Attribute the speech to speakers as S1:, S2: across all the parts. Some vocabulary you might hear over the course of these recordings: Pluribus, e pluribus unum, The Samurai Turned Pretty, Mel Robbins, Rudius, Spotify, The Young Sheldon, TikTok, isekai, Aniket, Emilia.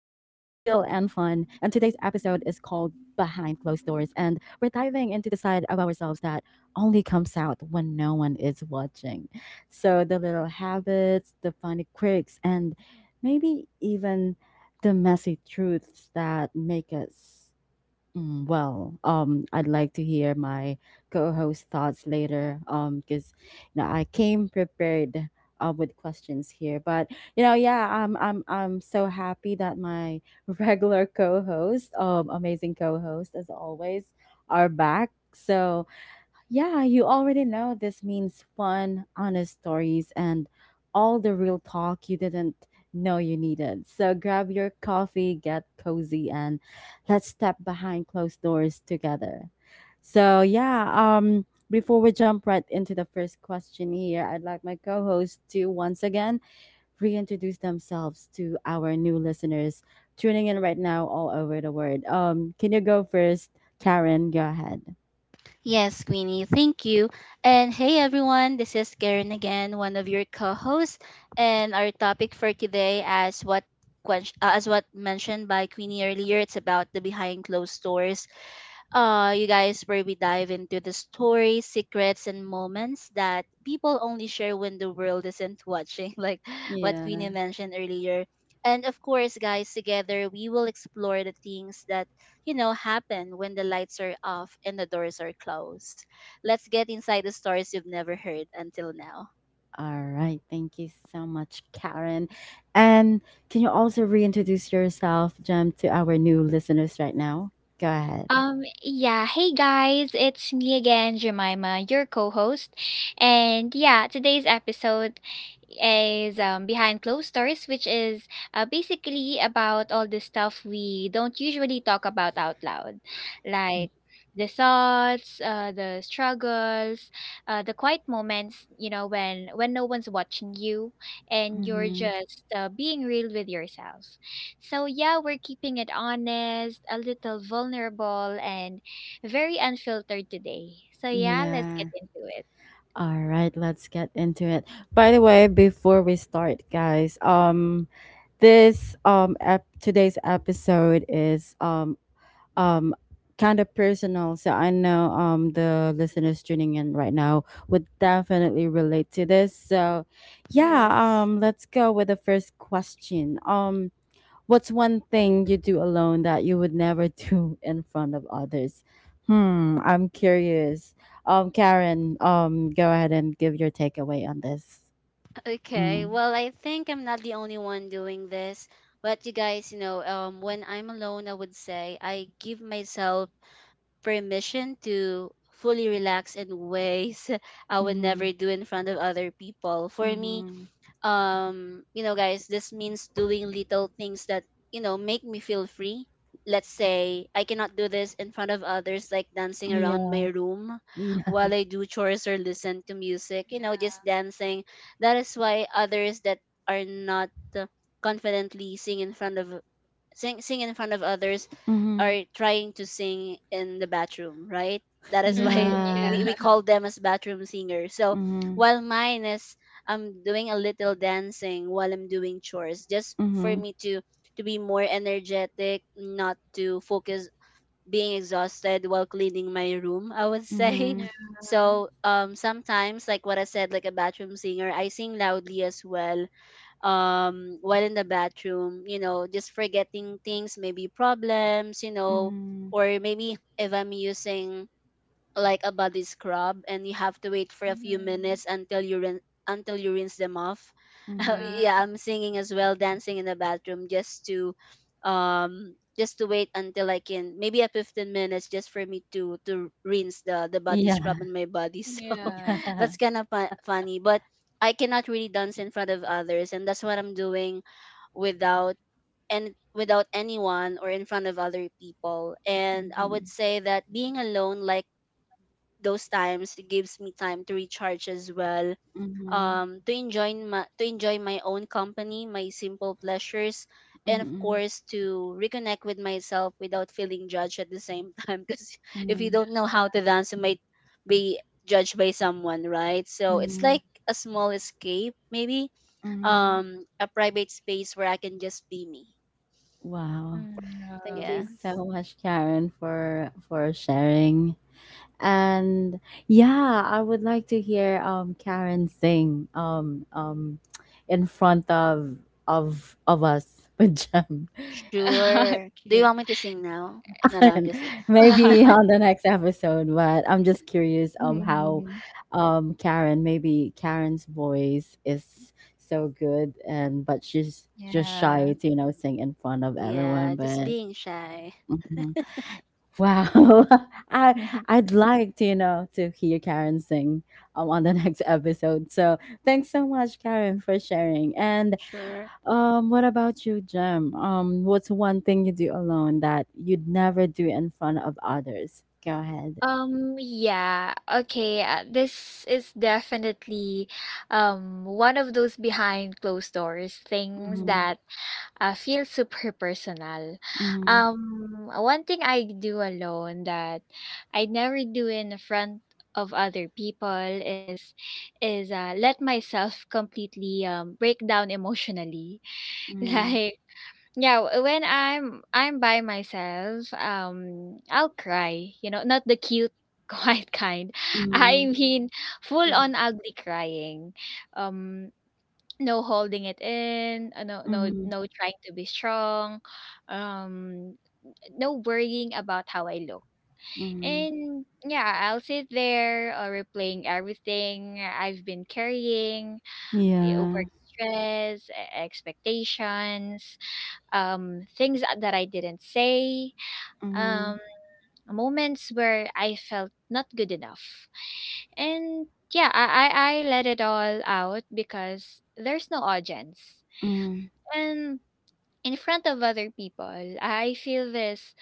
S1: is called Behind Closed Doors, and we're diving into the side of ourselves that only comes out when no one is watching. So the little habits, the funny quirks, and maybe even the messy truths that make us I'd like to hear my co-host thoughts later, because you know I came prepared with questions here, but yeah, I'm so happy that my regular co-host, amazing co-host as always, are back. So yeah, you already know this means fun, honest stories, and all the real talk you didn't know you needed. So grab your coffee, get cozy, and let's step behind closed doors together. So, yeah, before we jump right into the first question here, I'd like my co host to once again reintroduce themselves to our new listeners tuning in right now all over the world. Can you go first, Karen? Go ahead.
S2: Yes, Queenie, thank you. And hey everyone, this is Karen again, one of your co-hosts, and our topic for today as what as what mentioned by Queenie earlier, it's about the behind closed doors you guys, where we dive into the stories, secrets, and moments that people only share when the world isn't watching, like what Queenie
S1: Yeah.
S2: mentioned earlier. And of course, guys, together we will explore the things that, you know, happen when the lights are off and the doors are closed. Let's get inside the stories you've never heard until now.
S1: All right. Thank you so much, Karen. And can you also reintroduce yourself, Jem, to our new listeners right now? Go ahead.
S3: Yeah, hey guys, it's me again, Jemima, your co-host. And yeah, today's episode is Behind Closed Doors, which is basically about all the stuff we don't usually talk about out loud, like the thoughts, the struggles, the quiet moments, you know, when no one's watching you and
S1: Hmm.
S3: you're just being real with yourself. So, yeah, we're keeping it honest, a little vulnerable, and very unfiltered today. So, yeah,
S1: Yeah.
S3: let's get into it.
S1: All right, let's get into it. By the way, before we start, guys, today's episode is um kind of personal, so I know the listeners tuning in right now would definitely relate to this. So yeah,
S2: Yes.
S1: let's go with the first question. What's one thing you do alone that you would never do in front of others? Hmm, I'm curious. Karen, go ahead and give your takeaway on this.
S2: Okay,
S1: Mm.
S2: well, I think I'm not the only one doing this. But you guys, you know, when I'm alone, I would say I give myself permission to fully relax in ways I would
S1: Mm-hmm.
S2: never do in front of other people. For me,
S1: Mm-hmm.
S2: you know, guys, this means doing little things that, you know, make me feel free. Let's say I cannot do this in front of others, like dancing around
S1: Yeah.
S2: my room
S1: Yeah.
S2: while I do chores or listen to music, you know, just dancing. That is why others that are not uh, confidently sing in front of sing in front of others
S1: Mm-hmm.
S2: are trying to sing in the bathroom, right? That is why
S3: Mm-hmm,
S2: we,
S1: Yeah.
S2: we
S3: yeah.
S2: call them as bathroom singers. So
S1: Mm-hmm.
S2: while mine is I'm doing a little dancing while I'm doing chores, just for
S1: Mm-hmm.
S2: me to be more energetic, not to focus being exhausted while cleaning my room, I would say.
S1: Mm-hmm.
S3: Yeah.
S2: So sometimes like what I said, like a bathroom singer, I sing loudly as well while in the bathroom, you know, just forgetting things, maybe problems, you know,
S1: Mhm.
S2: or maybe if I'm using like a body scrub and you have to wait for a few minutes
S3: Mm-hmm.
S2: until you until you rinse them off.
S1: Mhm.
S2: Yeah, I'm
S3: Yeah.
S2: singing as well, dancing in the bathroom just to wait until I can maybe a 15 minutes just for me to rinse the body
S1: Yeah,
S2: scrub on my body. So
S3: Yeah.
S1: yeah.
S2: that's kind of funny, but I cannot really dance in front of others, and that's what I'm doing without and without anyone or in front of other people. And I would
S1: Mhm.
S2: say that being alone, like those times gives me time to recharge as well,
S1: Mhm.
S2: to enjoy my own company, my simple pleasures, and of
S1: Mhm.
S2: course to reconnect with myself without feeling judged at the same time, because if you
S1: Mhm.
S2: don't know how to dance, you might be judged by someone, right? So it's
S1: Mhm.
S2: like a small escape, maybe,
S1: Mhm.
S2: a private space where I can just be me.
S1: Wow.
S3: Mm.
S1: Thank you
S3: Wow.
S2: Yes.
S1: so much, Karen, for sharing. And yeah, I would like to hear Karen sing in front of of us with Jem.
S2: Sure, do you want
S3: Okay.
S2: me to sing now? No, no, I'm just no.
S1: Maybe on the next episode, but I'm just curious how
S3: Hmm.
S1: Karen, maybe Karen's voice is so good, and but she's just shy
S3: Yeah.
S1: to, you know, sing in front of everyone.
S2: Yeah, just
S1: But
S2: being shy.
S1: mhm. Wow. i I'd like to, you know, to hear Karen sing on the next episode. So thanks so much, Karen, for sharing. And
S2: Sure.
S1: what about you, Jem? What's one thing you do alone that you'd never do in front of others? Go ahead.
S3: Yeah, okay. This is definitely one of those behind closed doors things
S1: Mm-hmm.
S3: that feel super personal.
S1: Mm-hmm.
S3: Um, one thing I do alone that I never do in front of other people is let myself completely break down emotionally. Like yeah, when I'm by myself, I'll cry. You know, not the cute quiet kind.
S1: Mm-hmm.
S3: I mean, full
S2: Hmm.
S3: on ugly crying. Um. No holding it in, uh, no
S1: Mm-hmm.
S3: no
S1: Mm-hmm.
S3: no trying to be strong, um, no worrying about how I look.
S1: Mm-hmm.
S3: And yeah, I'll sit there replaying everything I've been carrying,
S1: Yeah.
S3: work stress, expectations, things that I didn't say,
S1: Mm-hmm.
S3: um, moments where I felt not good enough. And yeah, I let it all out because there's no audience.
S1: Mm-hmm.
S3: And in front of other people, I feel this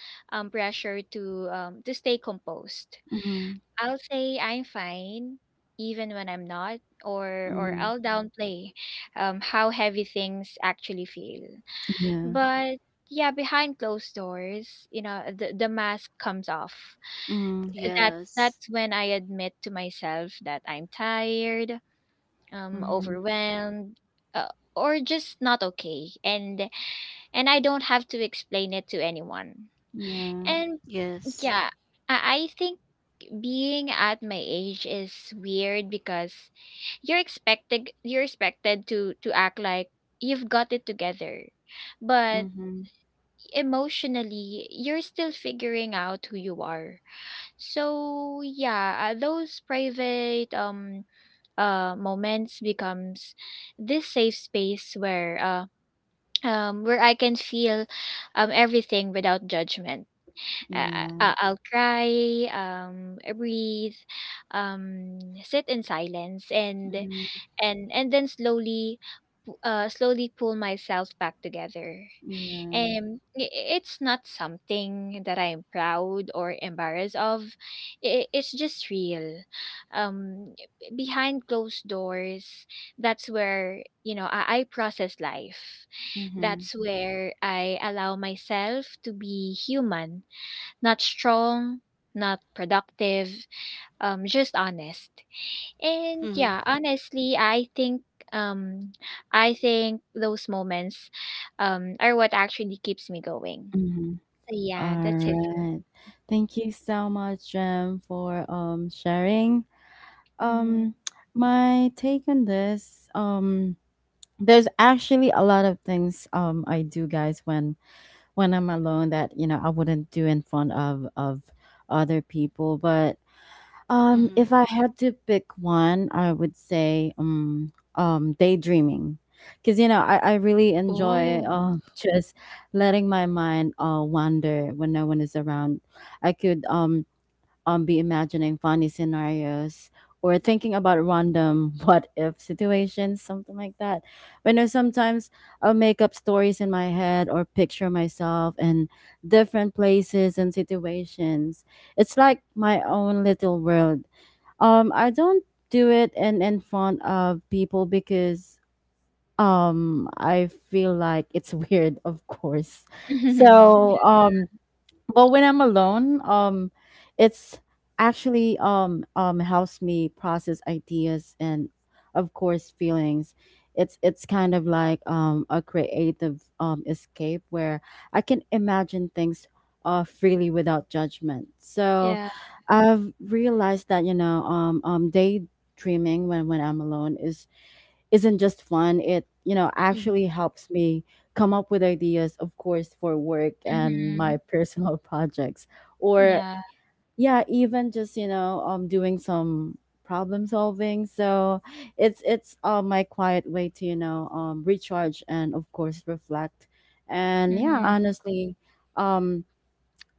S3: pressure to stay composed.
S1: Mm-hmm.
S3: I'll say I'm fine even when I'm not, or
S1: Mm-hmm.
S3: or I'll downplay how heavy things actually feel.
S1: Yeah.
S3: But yeah, behind closed doors, you know, the mask comes off.
S1: Mm-hmm.
S3: That's
S2: Yes.
S3: that's when I admit to myself that I'm tired,
S1: Mm-hmm.
S3: overwhelmed, or just not okay. And I don't have to explain it to anyone.
S1: Yeah.
S3: Mm. And
S2: Yes.
S3: yeah, I think being at my age is weird because you're expected to act like you've got it together. But
S1: Mm-hmm.
S3: emotionally, you're still figuring out who you are. So yeah, those private moments becomes this safe space where I can feel everything without judgment. I,
S1: Yeah.
S3: I'll cry, breathe, sit in silence, and
S1: Mm-hmm.
S3: and and then slowly, slowly pull myself back together.
S1: Yeah.
S3: And it's not something that I'm proud or embarrassed of. I It's just real. Um, behind closed doors, that's where you know I process life,
S1: Mm-hmm.
S3: that's where I allow myself to be human, not strong, not productive, just honest.
S2: Mm-hmm.
S3: And yeah, honestly, um, I think those moments are what actually keeps me going.
S1: Mm-hmm.
S3: So yeah, that's it
S1: All
S3: for
S1: right. Thank you so much, Jem, for sharing. Um,
S3: me.
S1: my take on this, there's actually a lot of things I do, guys, when I'm alone that, you know, I wouldn't do in front of other people. But
S2: Mm-hmm.
S1: if I had to pick one, I would say daydreaming, because you know I really enjoy
S2: Oh.
S1: just letting my mind wander when no one is around. I could be imagining funny scenarios or thinking about random what if situations, something like that. But you know, sometimes I'll make up stories in my head or picture myself in different places and situations. It's like my own little world. I don't do it in front of people because I feel like it's weird, of course. So
S3: Mm.
S1: but when I'm alone, it's actually helps me process ideas and, of course, feelings. It's kind of like a creative escape where I can imagine things freely without judgment. So
S3: Yeah.
S1: I've realized that, you know, daydreaming when I'm alone is isn't just fun. It, you know, actually
S2: Mm-hmm.
S1: helps me come up with ideas, of course, for work
S3: Yeah.
S1: and my
S3: Mm-hmm.
S1: personal projects, or
S3: Yeah.
S1: yeah, even just, you know, doing some problem solving. So it's my quiet way to, you know, recharge and, of course, reflect. And yeah,
S3: Mm-hmm.
S1: honestly, um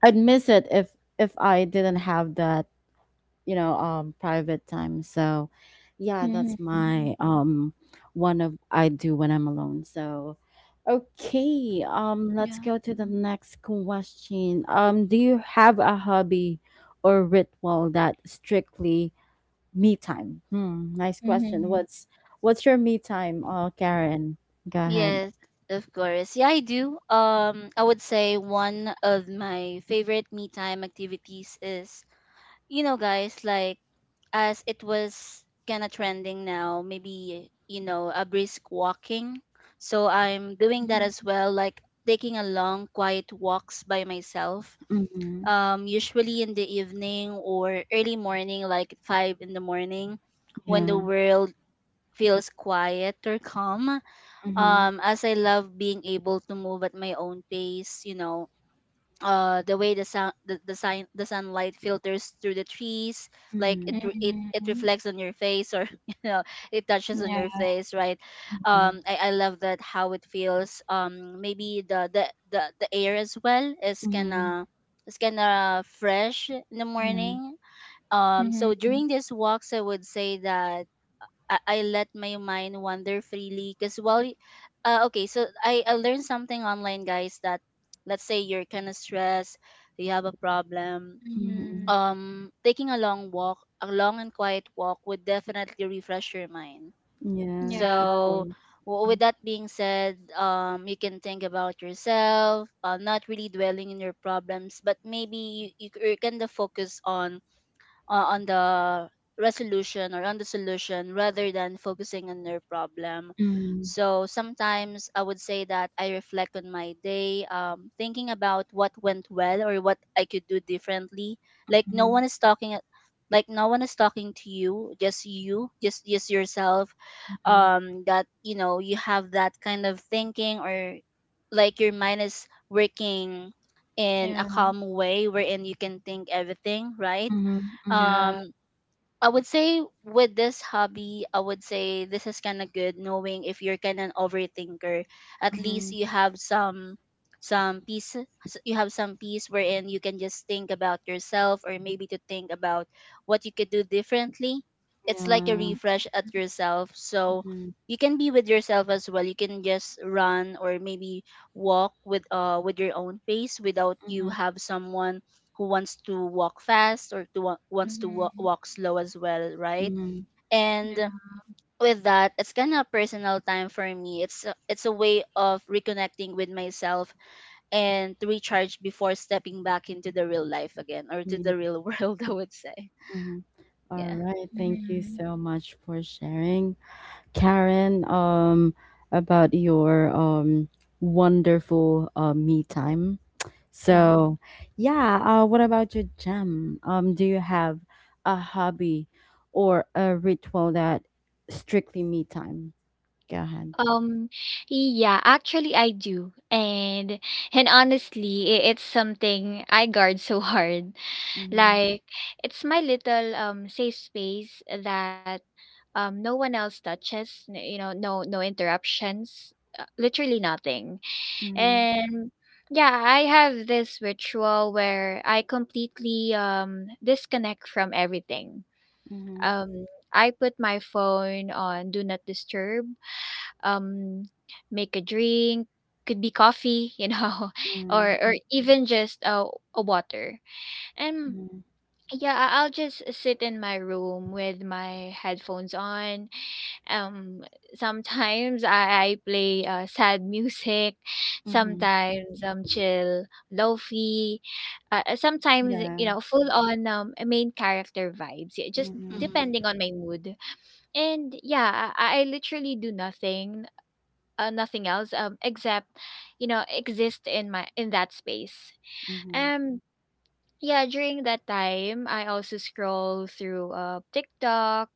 S1: I'd miss it if I didn't have that, you know, private time. So yeah, that's
S3: Mm-hmm.
S1: my one of I do when I'm alone. So okay, let's
S2: Yeah.
S1: go to the next question. Do you have a hobby or ritual that strictly me time? Hmm, nice question.
S3: Mm-hmm.
S1: What's your me time, Karen? Go ahead.
S2: Yes, of course. Yeah, I do. I would say one of my favorite me time activities is, you know, guys, like, as it was kind of trending now, maybe, you know, a brisk walking. So I'm doing that as well, like taking a long, quiet walks by myself,
S1: Mm-hmm.
S2: usually in the evening or early morning, like 5 in the morning, when the
S1: Yeah.
S2: world feels quiet or calm.
S1: Mm-hmm.
S2: As I love being able to move at my own pace, you know, the way the sun the sunlight filters through the trees, like it
S1: Mm.
S2: it it
S3: Mm-hmm.
S2: reflects on your face, or you know, it touches on your
S3: Yeah.
S2: face, right?
S1: Yeah.
S2: I love that, how it feels. Maybe the the air as well is
S1: Mm-hmm.
S2: kinda, it's kinda fresh in the
S1: Yeah.
S2: morning. So during
S3: Mm-hmm.
S2: these walks I would say that I let my mind wander freely, because while okay, so I learned something online, guys, that let's say you're kind of stressed, you have a problem,
S1: Mm-hmm.
S3: Mm-hmm.
S2: taking a long walk, a long and quiet walk would definitely refresh your mind.
S1: Yeah,
S3: Yeah.
S1: of
S2: So
S1: course.
S2: with that being said, you can think about yourself, not really dwelling in your problems, but maybe you, you kind of focus on the resolution or on the solution rather than focusing on their problem.
S1: Hmm.
S2: So sometimes I would say that I reflect on my day, thinking about what went well or what I could do differently. Like no
S1: Mhm.
S2: one is talking, like no one is talking to you, just yourself,
S1: Mhm.
S2: that, you know, you have that kind of thinking, or like your mind is working in a
S3: Yeah.
S2: calm way wherein you can think everything, right?
S1: Mhm. Mhm.
S3: Yeah.
S2: um I would say with this hobby, I would say this is kind of good, knowing if you're kind of an overthinker, at least
S1: Mhm.
S2: you have some you have some peace wherein you can just think about yourself, or maybe to think about what you could do differently. It's like a
S1: Yeah.
S2: refresh at yourself, so
S1: Mhm.
S2: you can be with yourself as well, you can just run or maybe walk with your own pace without you
S1: Mhm.
S2: have someone who wants to walk fast or to wants to
S3: Mm-hmm.
S2: walk slow as well, right?
S1: Mhm.
S2: And
S3: Yeah.
S2: with that, it's kind of personal time for me. It's it's a way of reconnecting with myself and to recharge before stepping back into the real life again or to the
S1: Yeah.
S2: real world, I would say,
S1: Mhm. All
S2: yeah.
S1: right. Thank you
S3: Mm-hmm.
S1: so much for sharing, Karen, about your wonderful me time.
S2: Hmm.
S1: So, yeah. What about your gem? Do you have a hobby or a ritual that strictly me time? Go ahead.
S3: Um, yeah, actually I do. And honestly, it's something I guard so hard.
S1: Mm-hmm.
S3: Like it's my little safe space that no one else touches, you know, no interruptions, literally nothing. And yeah, I have this ritual where I completely disconnect from everything.
S1: Mm-hmm.
S3: Um, I put my phone on do not disturb, um make a drink, could be coffee, you know,
S1: Mm-hmm.
S3: or even just a water. And yeah, I'll just sit in my room with my headphones on, um sometimes I play sad music,
S1: Mhm.
S3: sometimes chill lofi, sometimes you
S1: Yeah.
S3: know full on main character vibes, yeah, just
S1: Mhm.
S2: Hmm.
S3: depending on my mood. And yeah, I literally do nothing, nothing else except you know exist in my in that space.
S1: Mhm.
S3: um yeah, during that time I also scroll through TikTok,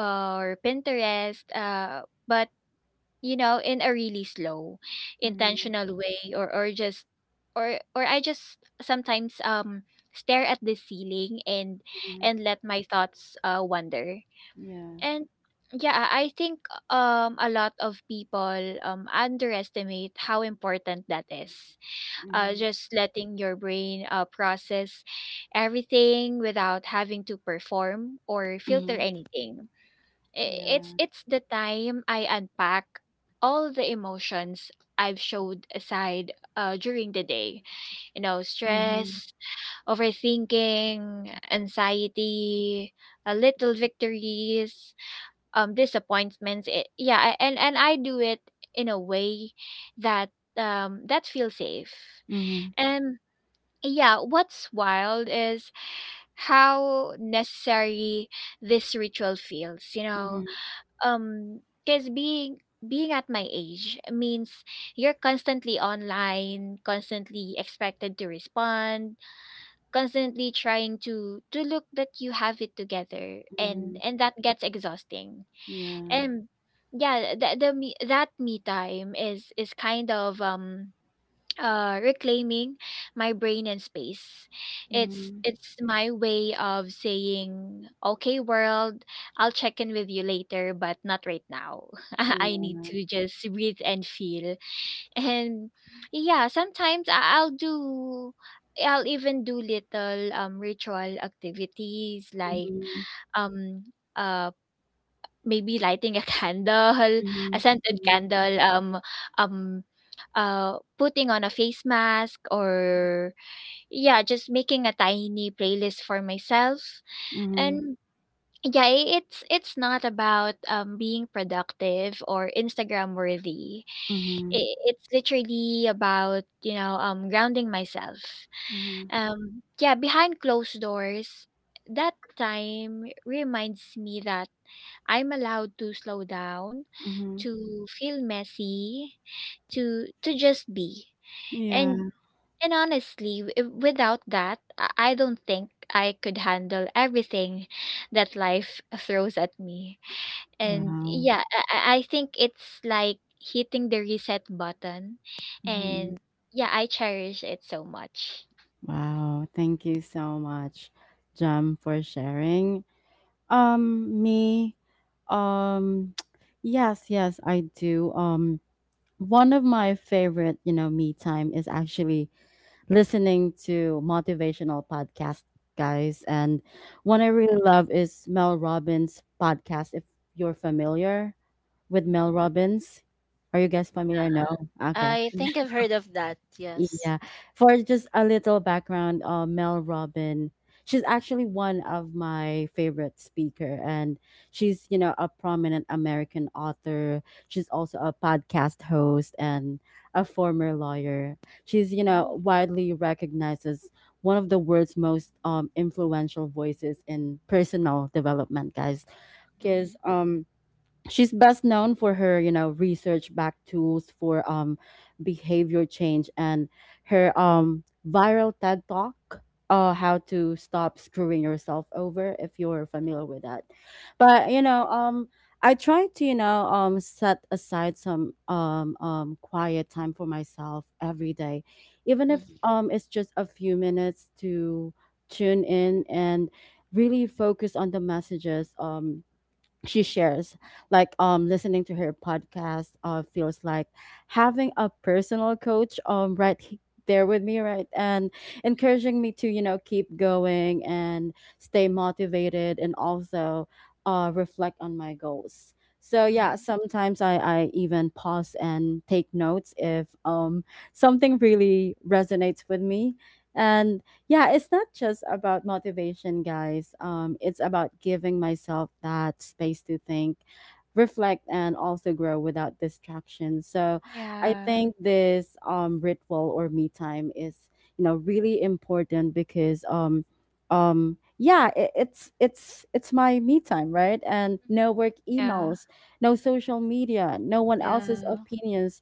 S3: or Pinterest, but you know in a really slow,
S1: Mhm.
S3: intentional way, or I just sometimes stare at the ceiling and
S1: Mhm.
S3: let my thoughts wander.
S1: Yeah.
S3: And yeah, I think a lot of people underestimate how important that is.
S1: Mhm.
S3: Just letting your brain process everything without having to perform or
S2: Hmm.
S3: filter anything.
S1: Yeah.
S3: It's the time I unpack all the emotions I've showed aside during the day. You know,
S1: Mhm.
S3: stress, overthinking, anxiety, little victories, disappointments. Yeah, and I do it in a way that that feels safe.
S1: Mhm.
S3: And yeah, what's wild is how necessary this ritual feels, you
S1: Mhm.
S3: know, um because being at my age means you're constantly online, constantly expected to respond, constantly trying to look that you have it together,
S1: Mhm.
S3: and that gets exhausting.
S1: Yeah.
S3: And yeah, the me time is kind of reclaiming my brain and space.
S1: Mhm.
S3: It's my way of saying, okay world, I'll check in with you later but not right now. I need
S1: Yeah.
S3: to just breathe and feel. And yeah, sometimes I'll even do little ritual activities like
S1: Mhm.
S3: um uh maybe lighting a candle, a scented
S1: Mhm.
S3: candle, um, uh, putting on a face mask, or yeah, just making a tiny playlist for myself.
S1: Mhm.
S3: And yeah, it's not about being productive or Instagram worthy.
S1: Mhm. Mhm.
S3: It's literally about you know grounding myself.
S1: Mhm.
S3: Yeah, behind closed doors, that time reminds me that I'm allowed to slow down,
S1: Mhm.
S3: to feel messy, to just be.
S1: Yeah.
S3: And honestly, without that, I don't think I could handle everything that life throws at me. And
S1: Wow.
S3: yeah, I think it's like hitting the reset button.
S1: Mhm.
S3: And yeah, I cherish it so much.
S1: Wow. Thank you so much, Jam, for sharing. Me, um, yes, yes, I do. One of my favorite, you know, me time is actually listening to motivational podcast, guys. And one I really love is Mel Robbins podcast. If you're familiar with Mel Robbins, are you guys familiar? No? Okay.
S2: I think I've heard of that. Yes.
S1: Yeah. For just a little background, Mel Robin, she's actually one of my favorite speaker, and she's, you know, a prominent American author. She's also a podcast host and a former lawyer. She's, you know,
S2: Oh.
S1: widely recognized as one of the world's most influential voices in personal development, guys.
S2: Mm-hmm.
S1: Because She's best known for her, you know, research back tools for behavior change and her viral TED Talk, how to stop screwing yourself over, if you're familiar with that. But you know, I try to, you know, set aside some quiet time for myself every day, even if
S2: Mm-hmm.
S1: it's just a few minutes to tune in and really focus on the messages she shares, like listening to her podcast feels like having a personal coach right there with me, right, and encouraging me to, you know, keep going and stay motivated, and also reflect on my goals. So yeah,
S2: Hmm.
S1: sometimes I even pause and take notes if something really resonates with me. And yeah, it's not just about motivation, guys. It's about giving myself that space to think, reflect, and also grow without distraction. So I
S3: Yeah.
S1: think this ritual or me time is, you know, really important because yeah, it, it's my me time, right? And no work
S3: Yeah.
S1: emails, no social media, no one else's
S2: Yeah.
S1: opinions,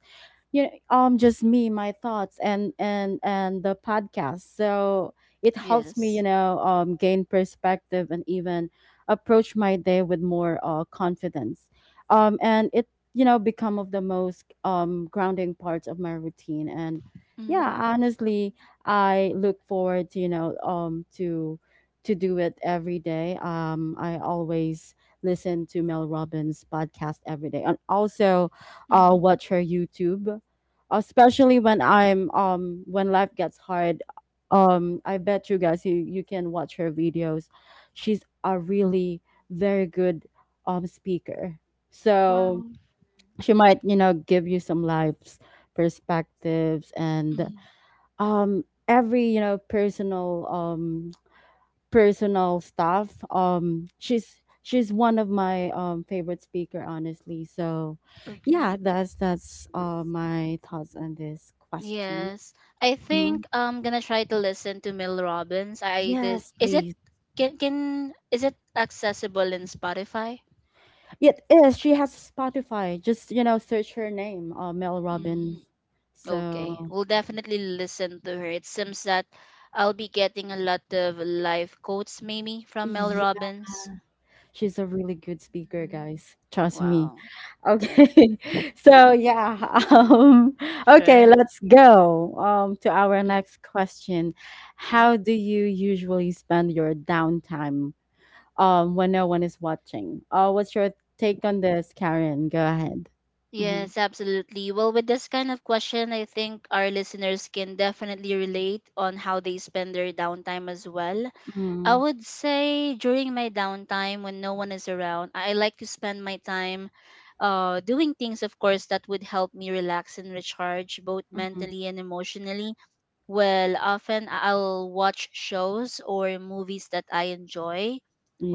S1: you know, just me, my thoughts, and the podcast. So it helps me, you
S2: Yes.
S1: know, gain perspective and even approach my day with more confidence. And it, you know, become of the most grounding parts of my routine. And
S2: Mm-hmm.
S1: yeah, honestly, I look forward to, you know, to do it every day. I always listen to Mel Robbins podcast every day, and also
S2: Mm-hmm.
S1: watch her YouTube, especially when I'm when life gets hard. I bet you guys, you can watch her videos. She's a really very good speaker. So
S2: Wow.
S1: she might, you know, give you some life's perspectives and
S2: Mm-hmm.
S1: every, you know, personal stuff. She's one of my favorite speaker, honestly. So,
S2: Okay.
S1: yeah, that's my thoughts on this question.
S2: Yes, I
S1: Mhm.
S2: think I'm gonna try to listen to Mel Robbins. I did.
S1: Yes,
S2: Is it
S1: please.
S2: can is it accessible in Spotify?
S1: It is. She has Spotify. Just, you know, search her name, Mel Robbins.
S2: Mm, okay,
S1: So
S2: we'll definitely listen to her. It seems that I'll be getting a lot of life quotes maybe from Mel
S1: yeah,
S2: Robbins.
S1: she's a really good speaker, guys. Trust me.
S2: Wow. Okay.
S1: Okay. So yeah, um, okay,
S2: Sure.
S1: let's go to our
S2: Mm.
S1: next question.
S2: Sure.
S1: How do you usually spend your downtime when no one is watching? What's your take on this, Karen? Go ahead. Mm-hmm.
S2: Yes, absolutely. Well, with this kind of question, I think our listeners can definitely relate on how they spend their downtime as well. I would say during my downtime when no one is around, I like to spend my time doing things, of course, that would help me relax and recharge both
S1: Mm-hmm.
S2: mentally and emotionally. Well, often I'll watch shows or movies that I enjoy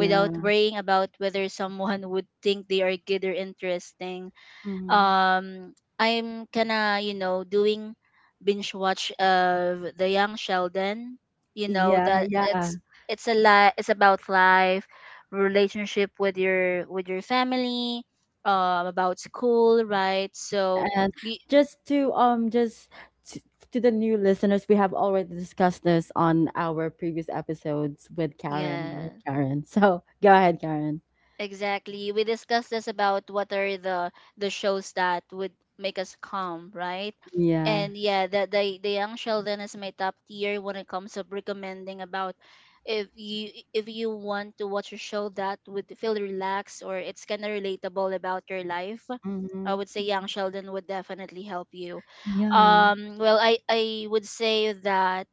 S2: without worrying about whether someone would think they are good or interesting.
S1: Mm-hmm.
S2: I'm kinda, you know, doing binge watch of The Young Sheldon. You know,
S1: Yeah.
S2: that
S1: Yeah.
S2: it's a it's about life, relationship with your family, about school, right? So
S1: And
S2: y-
S1: just to, to the new listeners, we have already discussed this on our previous episodes with Karen, right,
S2: yes.
S1: Karen? So go ahead, Karen.
S2: Exactly. We discussed this about what are the shows that would make us calm, right?
S1: Yeah.
S2: And yeah, the Young Sheldon is my top tier when it comes to recommending about if you, if you want to watch a show that would feel relaxed or it's kind of relatable about your life. I
S1: Mm-hmm.
S2: would say Young Sheldon would definitely help you.
S1: Yeah.
S2: Well, I would say that,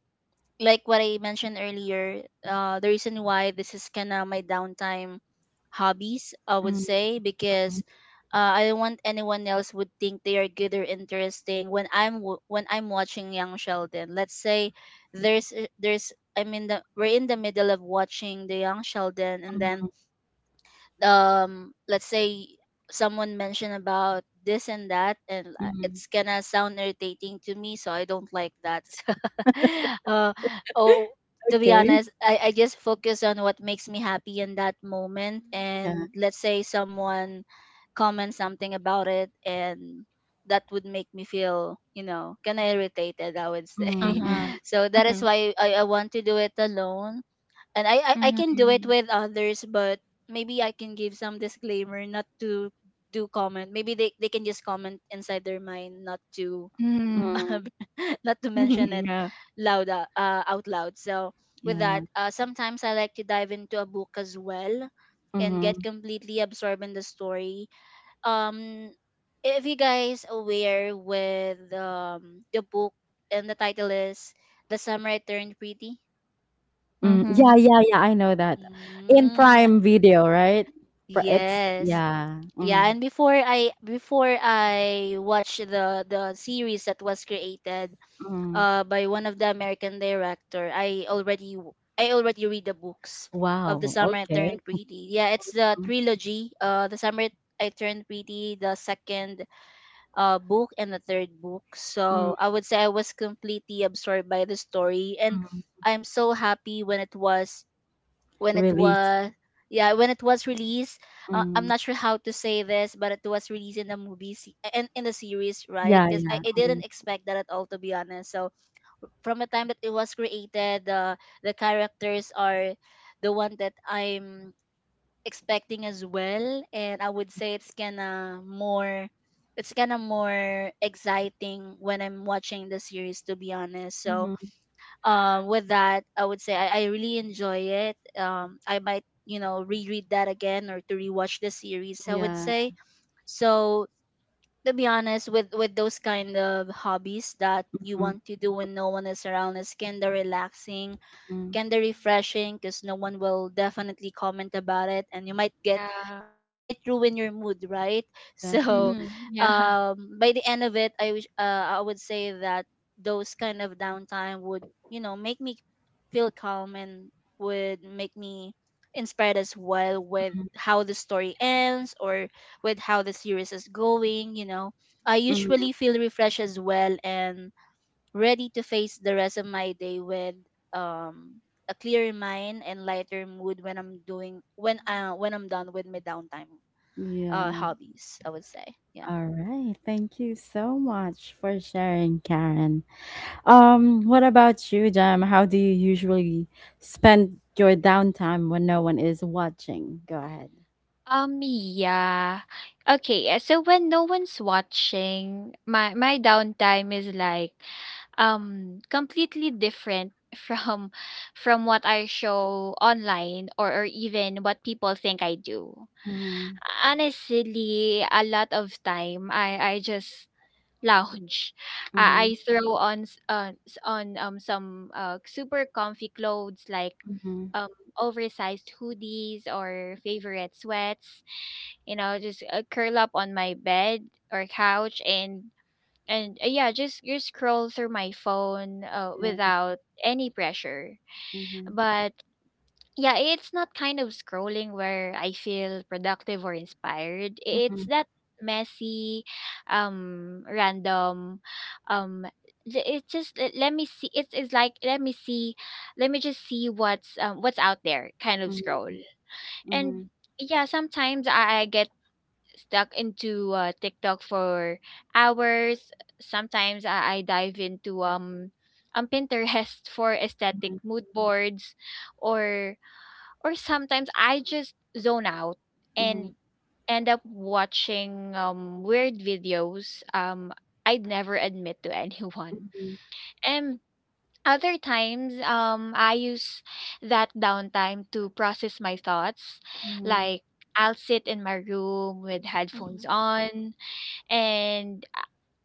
S2: like what I mentioned earlier, the reason why this is kind of my downtime hobbies, I would
S1: Mm-hmm.
S2: say, because I don't want anyone else would think they are good or interesting when I'm when I'm watching Young Sheldon. Let's say there's, I mean, we're in the middle of watching the Young Sheldon, and then let's say someone mentioned about this and that, and
S1: Mm-hmm.
S2: it's gonna sound irritating to me, so I don't like that. uh, oh to be
S1: Okay.
S2: honest, I just focus on what makes me happy in that moment,
S1: Yeah.
S2: and let's say someone comments something about it, and that would make me feel, you know, kind of irritated, I would say.
S1: Mm-hmm.
S2: So that is why I want to do it alone, and I can do it with others, but maybe I can give some disclaimer not to do comment. Maybe they can just comment inside their mind, not to
S3: Mm.
S1: Mm-hmm.
S2: not to mention it
S3: Yeah.
S2: loud, out loud. So with
S1: Yeah.
S2: that, sometimes I like to dive into a book as well and get
S1: Mm-hmm.
S2: completely absorbed in the story. Um, if you guys aware with the book, and the title is The Samurai Turned Pretty.
S1: Mm,
S3: Mm-hmm.
S1: yeah, yeah, yeah. I know that in
S2: Mm.
S1: Prime Video, right? Pri- It's
S2: Yes.
S1: yeah.
S2: Yeah,
S1: Mm,
S2: and before I, before I watched the series that was created
S1: mm.
S2: by one of the American director, I already I already read the books of The
S1: Wow.
S2: Summer I
S1: Okay.
S2: Turned Pretty. Yeah, it's the
S1: Mm,
S2: trilogy, The Summer I Turned Pretty, the second book and the third book.
S1: mm,
S2: So, I would say I was completely absorbed by the story. And
S1: mm.
S2: I'm so happy when it
S1: Release.
S2: was yeah, when it was released. I'm
S1: Mm.
S2: not sure how to say this, but it was released in the and in the series, right?
S1: Yeah,
S2: Because I,
S1: yeah.
S2: I didn't
S1: Mm.
S2: expect that at all, to be honest. So, from the time that it was created, the characters are the one that I'm expecting as well. And I would say it's kind of more exciting when I'm watching the series, to be honest. So,
S1: Mhm.
S3: Yeah.
S2: with that, I would say I really enjoy it. I might reread that again, or to rewatch the series, I would
S1: Yeah.
S2: say. So, to be honest, with those kind of hobbies that you
S1: Mhm.
S2: want to do when no one is around, it's kind of relaxing,
S1: Mhm.
S2: kind of refreshing, because no one will definitely comment about it, and you might get
S3: Yeah.
S2: and it might ruin your mood, right? So,
S3: Mm-hmm.
S1: Exactly.
S3: Yeah.
S2: by the end of it, I would say that those kind of downtime would, make me feel calm, and would make me inspired as well with
S1: Mhm.
S2: how the story ends, or with how the series is going. I
S1: Mhm.
S2: usually feel refreshed as well, and ready to face the rest of my day with um a clearer mind and lighter mood when I'm doing when I'm done with my downtime
S1: Yeah.
S2: hobbies, I would say. Yeah.
S1: All right. Thank you so much for sharing, Karen. What about you, Jam? How do you usually spend your downtime when no one is watching? Go ahead.
S3: Um, yeah. Okay, so when no one's watching, my downtime is like completely different from what I show online or even what people think I do.
S1: Mhm.
S3: Honestly, a lot of time I just lounge.
S1: Mhm.
S3: I throw on s- s- on some super comfy clothes like
S1: Mhm.
S3: um oversized hoodies or favorite sweats. You know, just curl up on my bed or couch and yeah, just scroll through my phone
S1: Yeah.
S3: without any pressure.
S1: Mhm.
S3: But yeah, it's not kind of scrolling where I feel productive or inspired. It's
S1: Mhm.
S3: that messy, random, um, let me see. It's like let me see, let me just see what's out there kind of
S1: Mhm.
S3: scroll. And
S1: Mhm.
S3: yeah, sometimes I get stuck into TikTok for hours. Sometimes I dive into Pinterest for aesthetic
S1: Mhm.
S3: mood boards or or sometimes I just zone out
S1: Mhm.
S3: and end up watching weird videos I'd never admit to anyone.
S1: Mhm.
S3: And other times, I use that downtime to process my thoughts.
S1: Mhm.
S3: Like, I'll sit in my room with headphones
S2: Mhm.
S3: on and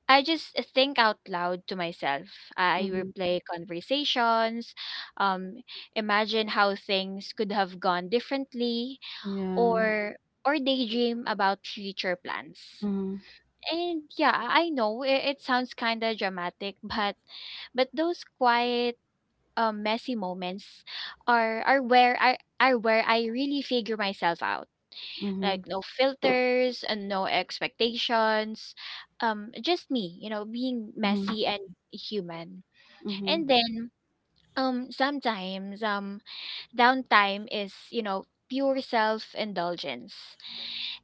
S3: I just think out loud to myself. I
S1: Mhm.
S3: replay conversations, um, imagine how things could have gone differently
S1: Yeah.
S3: or or daydream about future plans.
S1: Mhm.
S3: And yeah, I know it sounds kind of dramatic, but those quiet messy moments are where I really figure myself out. Like
S1: Mhm.
S3: no filters and no expectations. Um, just me, you know, being
S1: Mhm.
S3: messy and human.
S1: Mhm.
S3: And then sometimes downtime is, you know, pure self indulgence.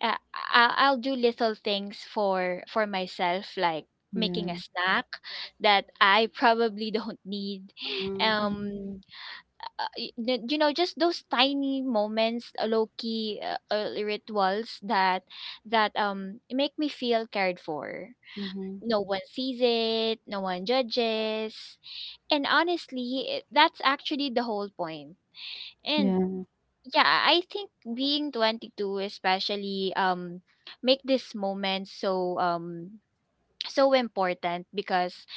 S3: uh, I'll do little things for myself, like making
S1: Yeah.
S3: a snack that I probably don't need.
S1: Mhm.
S2: Mhm.
S3: Um, you know, just those tiny moments, low key rituals that make me feel cared for.
S1: Mhm.
S3: No one sees it, no one judges, and honestly, that's actually the whole point. And
S1: Yeah.
S3: yeah, I think being 22 especially make this moment so so important because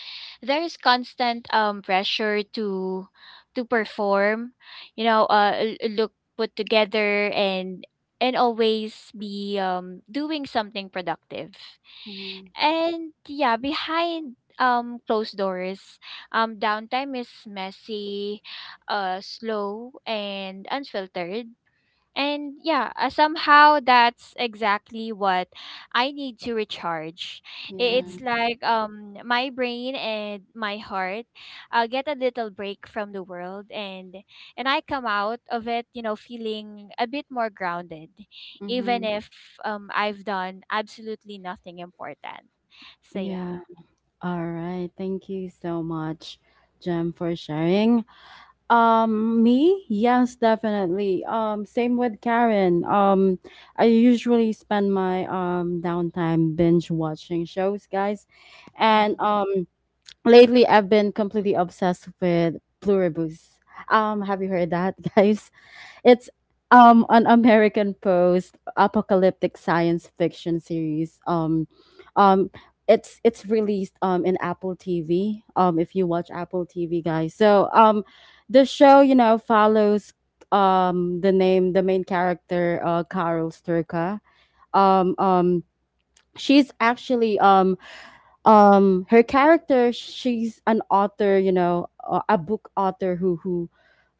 S3: there's constant pressure to perform, you know, look put together and always be doing something productive.
S1: Mhm.
S3: And yeah, behind closed doors, downtime is messy, slow and unfiltered, and yeah, somehow that's exactly what I need to recharge.
S1: Yeah.
S3: It's
S2: Mhm.
S3: like my brain and my heart get a little break from the world, and I come out of it, you know, feeling a bit more grounded even
S1: Mhm.
S3: if I've done absolutely nothing important. So yeah.
S1: Yeah. All right. Thank you so much, Jem, for sharing. Me? Yes, definitely. Same with Karen. I usually spend my downtime binge watching shows, guys. And
S2: Mhm.
S1: um lately I've been completely obsessed with Pluribus. Have you heard that, guys? It's an American post apocalyptic science fiction series. Um, it's released in Apple TV. If you watch Apple TV, guys. So the show, follows the main character, Carol Sturka. Um, um, she's actually her character she's an author, a book author who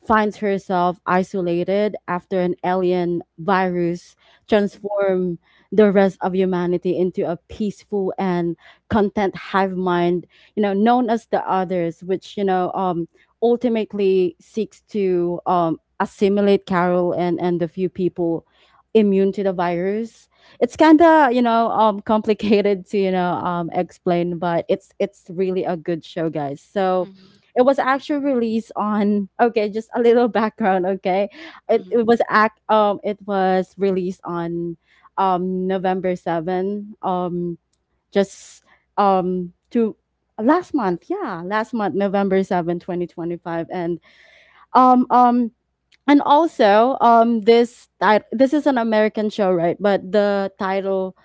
S1: finds herself isolated after an alien virus
S2: Mhm.
S1: transform the rest of humanity into a peaceful and content hive mind, known as the others, which ultimately seeks to assimilate Carol and the few people immune to the virus. It's kind of, complicated to, explain, but it's really a good show, guys. So
S2: Mhm.
S1: it was actually released on, okay, just a little background. Okay, it
S2: Mhm.
S1: was act it was released on November 7, just to last month. Yeah, last month, November 7 2025. And um um and also, this is an American show, right? But the title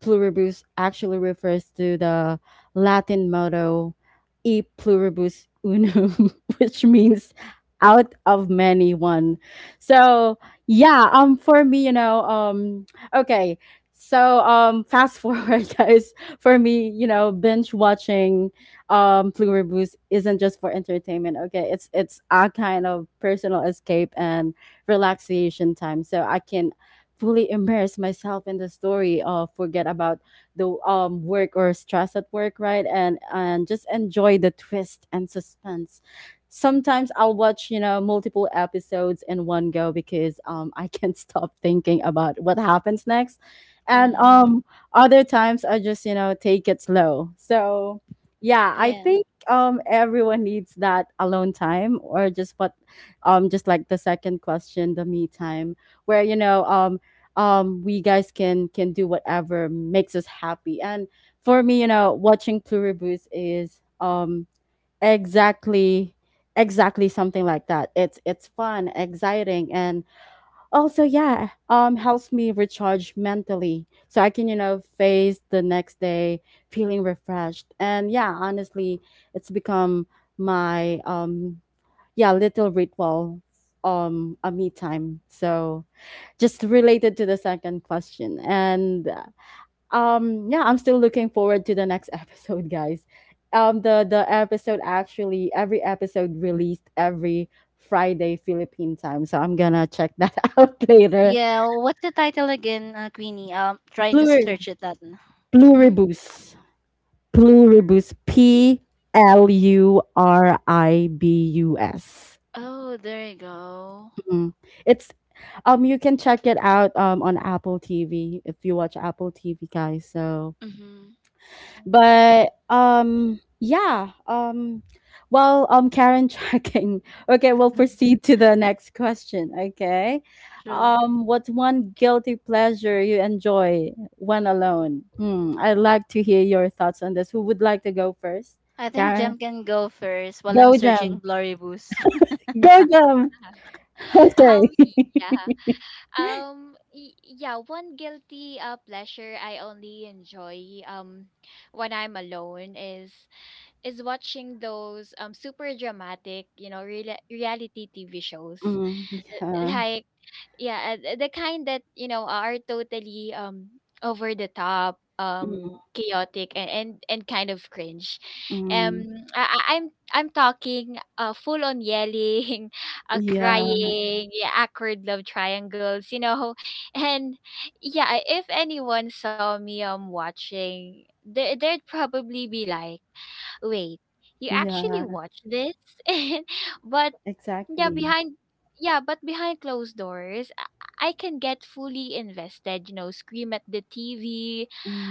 S1: Pluribus actually refers to the Latin motto e pluribus unum, which means out of many, one. So yeah, for me, okay. So fast forward, guys, for me, binge watching Pluribus isn't just for entertainment. Okay. It's a kind of personal escape and relaxation time. So I can fully immerse myself in the story, forget about the, work or stress at work, right? And just enjoy the twist and suspense. Sometimes I'll watch, multiple episodes in one go, because, I can't stop thinking about what happens next. and
S2: Mhm.
S1: um other times I just, take it slow. So yeah, I
S2: Yeah.
S1: think everyone needs that alone time, or just what, just like the second question, the me time, where, we guys can do whatever makes us happy. And for me, watching Pluribus is exactly exactly something like that. It's fun, exciting, and also, yeah, helps me recharge mentally, so I can, face the next day feeling refreshed. And yeah, honestly, it's become my yeah little ritual, a me time, so just related to the second question. And yeah, I'm still looking forward to the next episode, guys. The episode actually, every episode released every Friday Philippine time, so I'm gonna check that out later.
S2: Yeah, what's the title again, Queenie? Trying to
S1: Plur-
S2: search it that. Hmm?
S1: Pluribus, P L U R I B U S.
S2: Oh, there you go.
S1: Mhm. It's You can check it out on Apple TV if you watch Apple TV, guys. So,
S2: Mhm.
S3: Mhm.
S1: but yeah well, Karen checking. Okay, we'll proceed to the next question. Okay,
S2: Sure.
S1: what's one guilty pleasure you enjoy when alone? Hmm. I'd like to hear your thoughts on this. Who would like to go first?
S2: I think
S1: Karen,
S2: Jem can go first while I'm
S1: go, Jam.
S2: searching Glory Boost
S1: Go, Jam. Okay.
S3: Um, yeah. One guilty pleasure I only enjoy when I'm alone is watching those super dramatic, you know, reality TV shows.
S1: Mm, yeah.
S3: like yeah the kind that you know are totally over the top,
S1: Mm.
S3: chaotic and and kind of cringe.
S1: Mm.
S3: Um I, I- i'm i'm talking full on yelling,
S1: Yeah,
S3: crying, yeah, awkward love triangles, you know. And yeah, if anyone saw me watching, they'd probably be like, wait, you actually
S1: yeah,
S3: watch this? But yeah
S1: exactly.
S3: behind yeah but behind closed doors, I can get fully invested, you know, scream at the TV,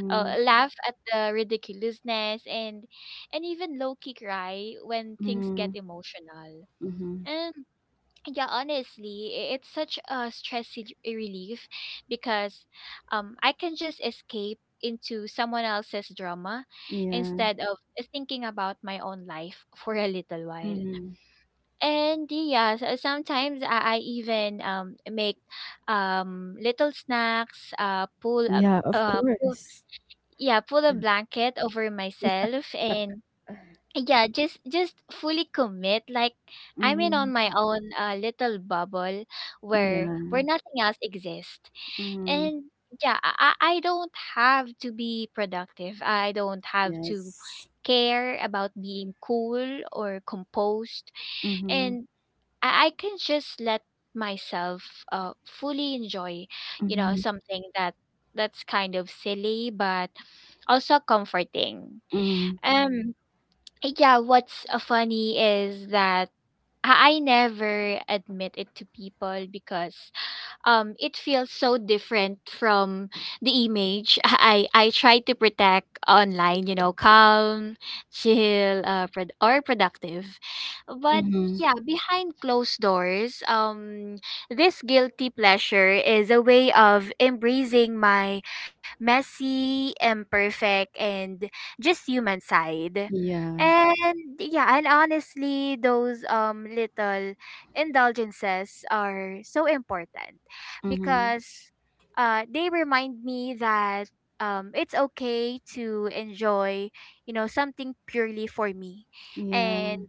S3: laugh at the ridiculousness, and even low key cry when things get
S1: Mm.
S3: emotional.
S1: Mhm.
S3: And yeah, honestly, it's such a relief because I can just escape into someone else's drama
S1: Yeah.
S3: instead of thinking about my own life for a little while.
S1: Mhm.
S3: And yeah, so sometimes I even make little snacks,
S1: Yeah, of course.
S3: pull a
S1: Yeah.
S3: blanket over
S1: Yeah.
S3: myself and yeah, just fully commit. Like I'm in on
S1: Mhm.
S3: my own little bubble where
S1: Yeah.
S3: where nothing else exists.
S1: Mhm.
S3: And yeah, I don't have to be productive. I don't have to
S1: Yes.
S3: care about being cool or composed,
S1: Mhm.
S3: and I can just let myself uh fully enjoy, you know,
S1: Mhm.
S3: something that's kind of silly but also comforting.
S1: Mhm.
S3: Um yeah, what's funny is that I never admit it to people because it feels so different from the image I try to protect online, you know, calm, chill, productive. But
S1: Mhm.
S3: yeah, behind closed doors, this guilty pleasure is a way of embracing my messy, imperfect, and just human side.
S1: Yeah.
S3: And yeah, and honestly, those little indulgences are so important
S1: Mhm.
S3: because they remind me that it's okay to enjoy, you know, something purely for me, and
S1: Yeah.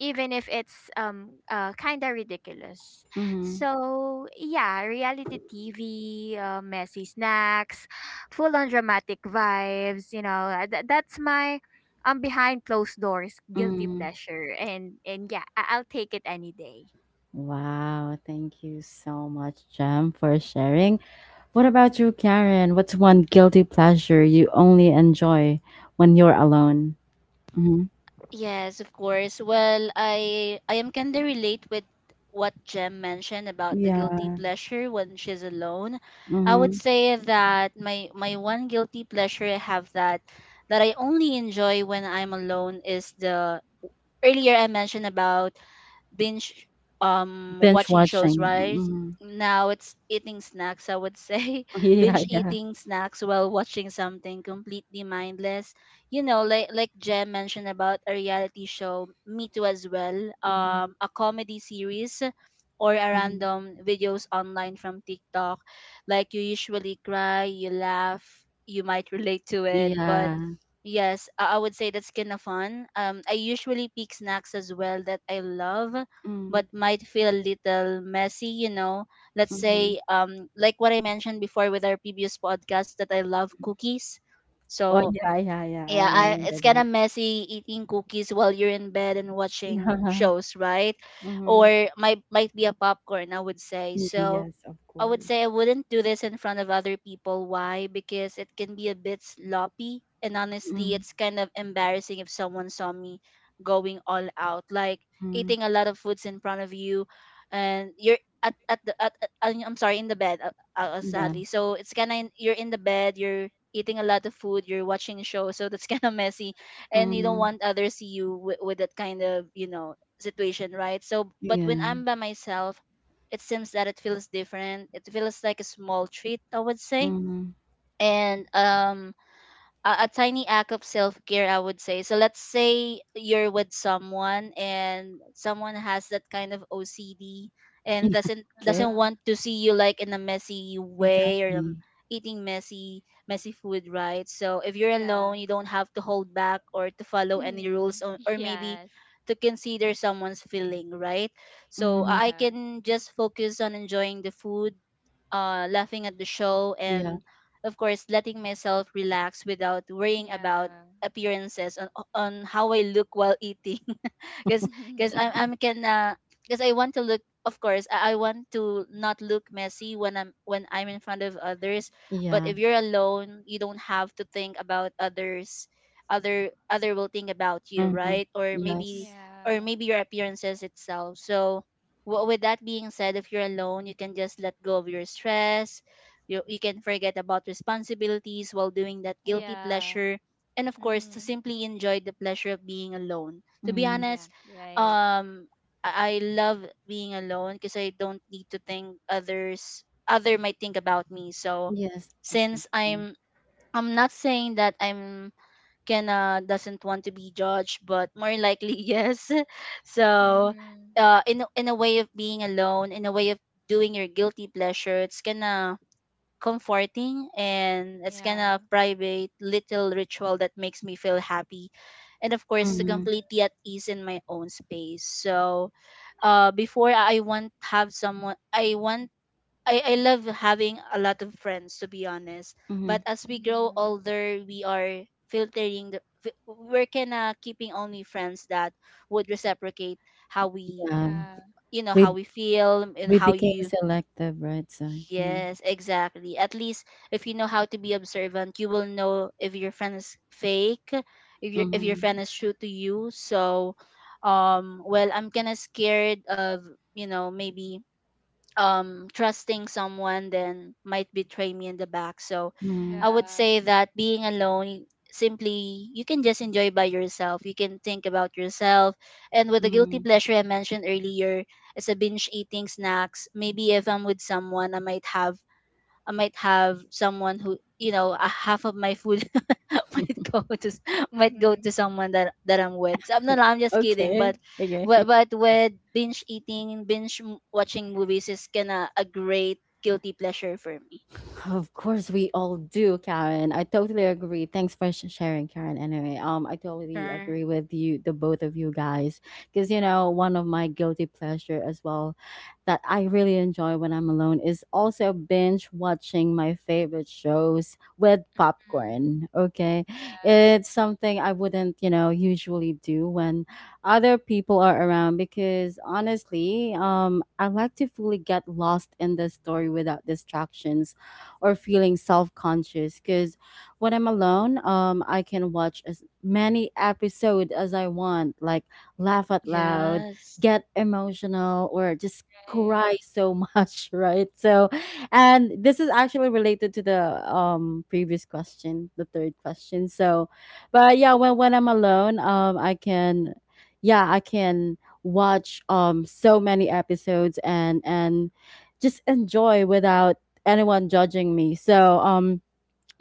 S3: even if it's kind of ridiculous.
S1: Mhm.
S3: So yeah, reality TV, messy snacks, full on dramatic vibes. You know, that's my behind closed doors guilty
S1: Mhm.
S3: pleasure, and yeah, I'll take it any day.
S1: Wow, thank you so much, Jem, for sharing. What about you, Karen? What's one guilty pleasure you only enjoy when you're alone? Mm-hmm.
S2: Yes, of course. Well, I am kind of relate with what Jem mentioned about the guilty
S1: Yeah.
S2: pleasure when she's alone. I would
S1: Mm-hmm.
S2: say that my one guilty pleasure I have that I only enjoy when I'm alone is the earlier I mentioned about binge
S1: Binge
S2: watching shows,
S1: watching.
S2: right?
S1: Mm-hmm.
S2: Now it's eating snacks, I would say.
S1: Yeah,
S2: Binge
S1: yeah.
S2: eating snacks while watching something completely mindless. You know, like Jem mentioned about a reality show, me too as well. A comedy series, or a
S1: Mm-hmm.
S2: random videos online from TikTok. Like, you usually cry, you laugh, you might relate to it. But
S1: Yeah.
S2: yes, I would say that's kind of fun. I usually pick snacks as well that I love,
S1: Mm,
S2: but might feel a little messy. Let's
S1: mhm.
S2: say, like what I mentioned before with our previous podcast, that I love cookies.
S1: Oh,
S2: So,
S1: yeah, yeah, yeah, I
S2: yeah,
S1: Remember
S2: it's kind
S1: that.
S2: of messy eating cookies while you're in bed and watching
S1: Yeah.
S2: shows, right?
S1: Mhm.
S2: Or might be a popcorn, I would say. So,
S1: Yes, of
S2: I would
S1: course.
S2: say I wouldn't do this in front of other people. Why? Because it can be a bit sloppy. And honestly,
S1: Mhm.
S2: it's kind of embarrassing if someone saw me going all out, like eating a lot of foods in front of you. And you're at the, at- I'm sorry, in the bed,
S1: Yeah.
S2: sadly. So it's kind of, you're in the bed, you're eating a lot of food, you're watching a show. So that's kind of messy. And you don't
S1: Mhm.
S2: want others see you with that kind of, situation, right? So, but
S1: Yeah.
S2: when I'm by myself, it seems that it feels different. It feels like a small treat, I would say.
S1: Mhm.
S2: And a tiny act of self-care, I would say. So, let's say you're with someone and someone has that kind of OCD, and
S1: Yeah,
S2: doesn't
S1: okay,
S2: doesn't
S3: Uh-huh.
S2: want to see you, like, in a messy way, or
S1: exactly.
S2: eating messy, messy food, right? So, if you're alone,
S3: Yeah.
S2: you don't have to hold back or to follow any rules,
S3: Mhm.
S2: or maybe
S3: Yes.
S2: to consider someone's feeling, right? So, i
S1: Mhm.
S2: I
S3: Yeah.
S2: can just focus on enjoying the food, laughing at the show,
S1: Yeah,
S2: and of course letting myself relax without worrying about
S3: Yeah.
S2: appearances, on how I look while eating. because because I'm
S3: Mhm.
S2: I'm kinda because I want to look Of course, I want to not look messy when I'm in front of others. But
S1: yeah.
S2: if you're alone, you don't have to think about others. Other will think about you,
S1: Mhm.
S2: right? or maybe
S1: Yes.
S2: or
S3: Yeah.
S2: maybe your appearances itself. So, with that being said, if you're alone, you can just let go of your stress. You can forget about responsibilities while doing that guilty
S3: Yeah.
S2: pleasure. And of course, to
S3: Mhm.
S2: simply enjoy the pleasure of being alone. To be
S1: Mhm.
S3: Yeah.
S2: honest,
S3: Right.
S2: um, I love being alone because I don't need to think other might think about me. So,
S1: Yes,
S2: since
S1: exactly.
S2: I'm not saying that I'm Kenna doesn't want to be judged, but more likely, yes. So,
S3: Mhm.
S2: in a way of being alone, in a way of doing your guilty pleasure, it's gonna comforting, and it's kind
S3: Yeah.
S2: of private little ritual that makes me feel happy, and of course to
S3: Mhm.
S1: Mhm.
S2: completely at ease in my own space. So, before I want have someone I want I love having a lot of friends, to be honest. But
S1: Mhm.
S2: as we grow
S3: Mhm.
S2: older, we are filtering we're kinda keeping only friends that would reciprocate how we
S1: Yeah,
S3: Yeah.
S2: how
S1: we
S2: we feel, and
S1: we
S2: how
S1: became
S2: you...
S1: selective, right? So, mhm.
S2: Yes, exactly. At least if you know how to be observant, you will know if your friend is fake, if your
S1: Mhm.
S2: friend is true to you. So, well, I'm kind of scared of, maybe trusting someone then might betray me in the back. So,
S1: Mhm.
S2: I would
S3: Yeah.
S2: say that being alone, simply, you can just enjoy by yourself. You can think about yourself, and with the guilty
S1: Mhm.
S2: pleasure I mentioned earlier as a binge eating snacks, maybe if I'm with someone, I might have someone who, a half of my food might go to s- might go
S3: Mhm.
S2: to someone that I'm with. So, no, no, I'm just kidding.
S1: Okay,
S2: But
S1: okay.
S2: with binge eating binge m- watching movies is kinda a great guilty pleasure for me.
S1: Of course, we all do, Karen. I totally agree. Thanks for sharing, Karen. Anyway, I totally
S2: Sure.
S1: agree with you, the both of you guys, because, one of my guilty pleasure as well that I really enjoy when I'm alone is also binge watching my favorite shows with
S3: Mhm.
S1: popcorn. Okay,
S3: Yeah.
S1: it's something I wouldn't, usually do when other people are around, because honestly, I like to fully get lost in the story without distractions or feeling self-conscious, because when I'm alone, I can watch as many episodes as I want, like laugh out loud,
S2: Yes.
S1: get emotional, or just
S3: Right.
S1: cry so much right? So, and this is actually related to the, previous question, the third question. So but yeah, when I'm alone, I can watch so many episodes, and just enjoy without anyone judging me. So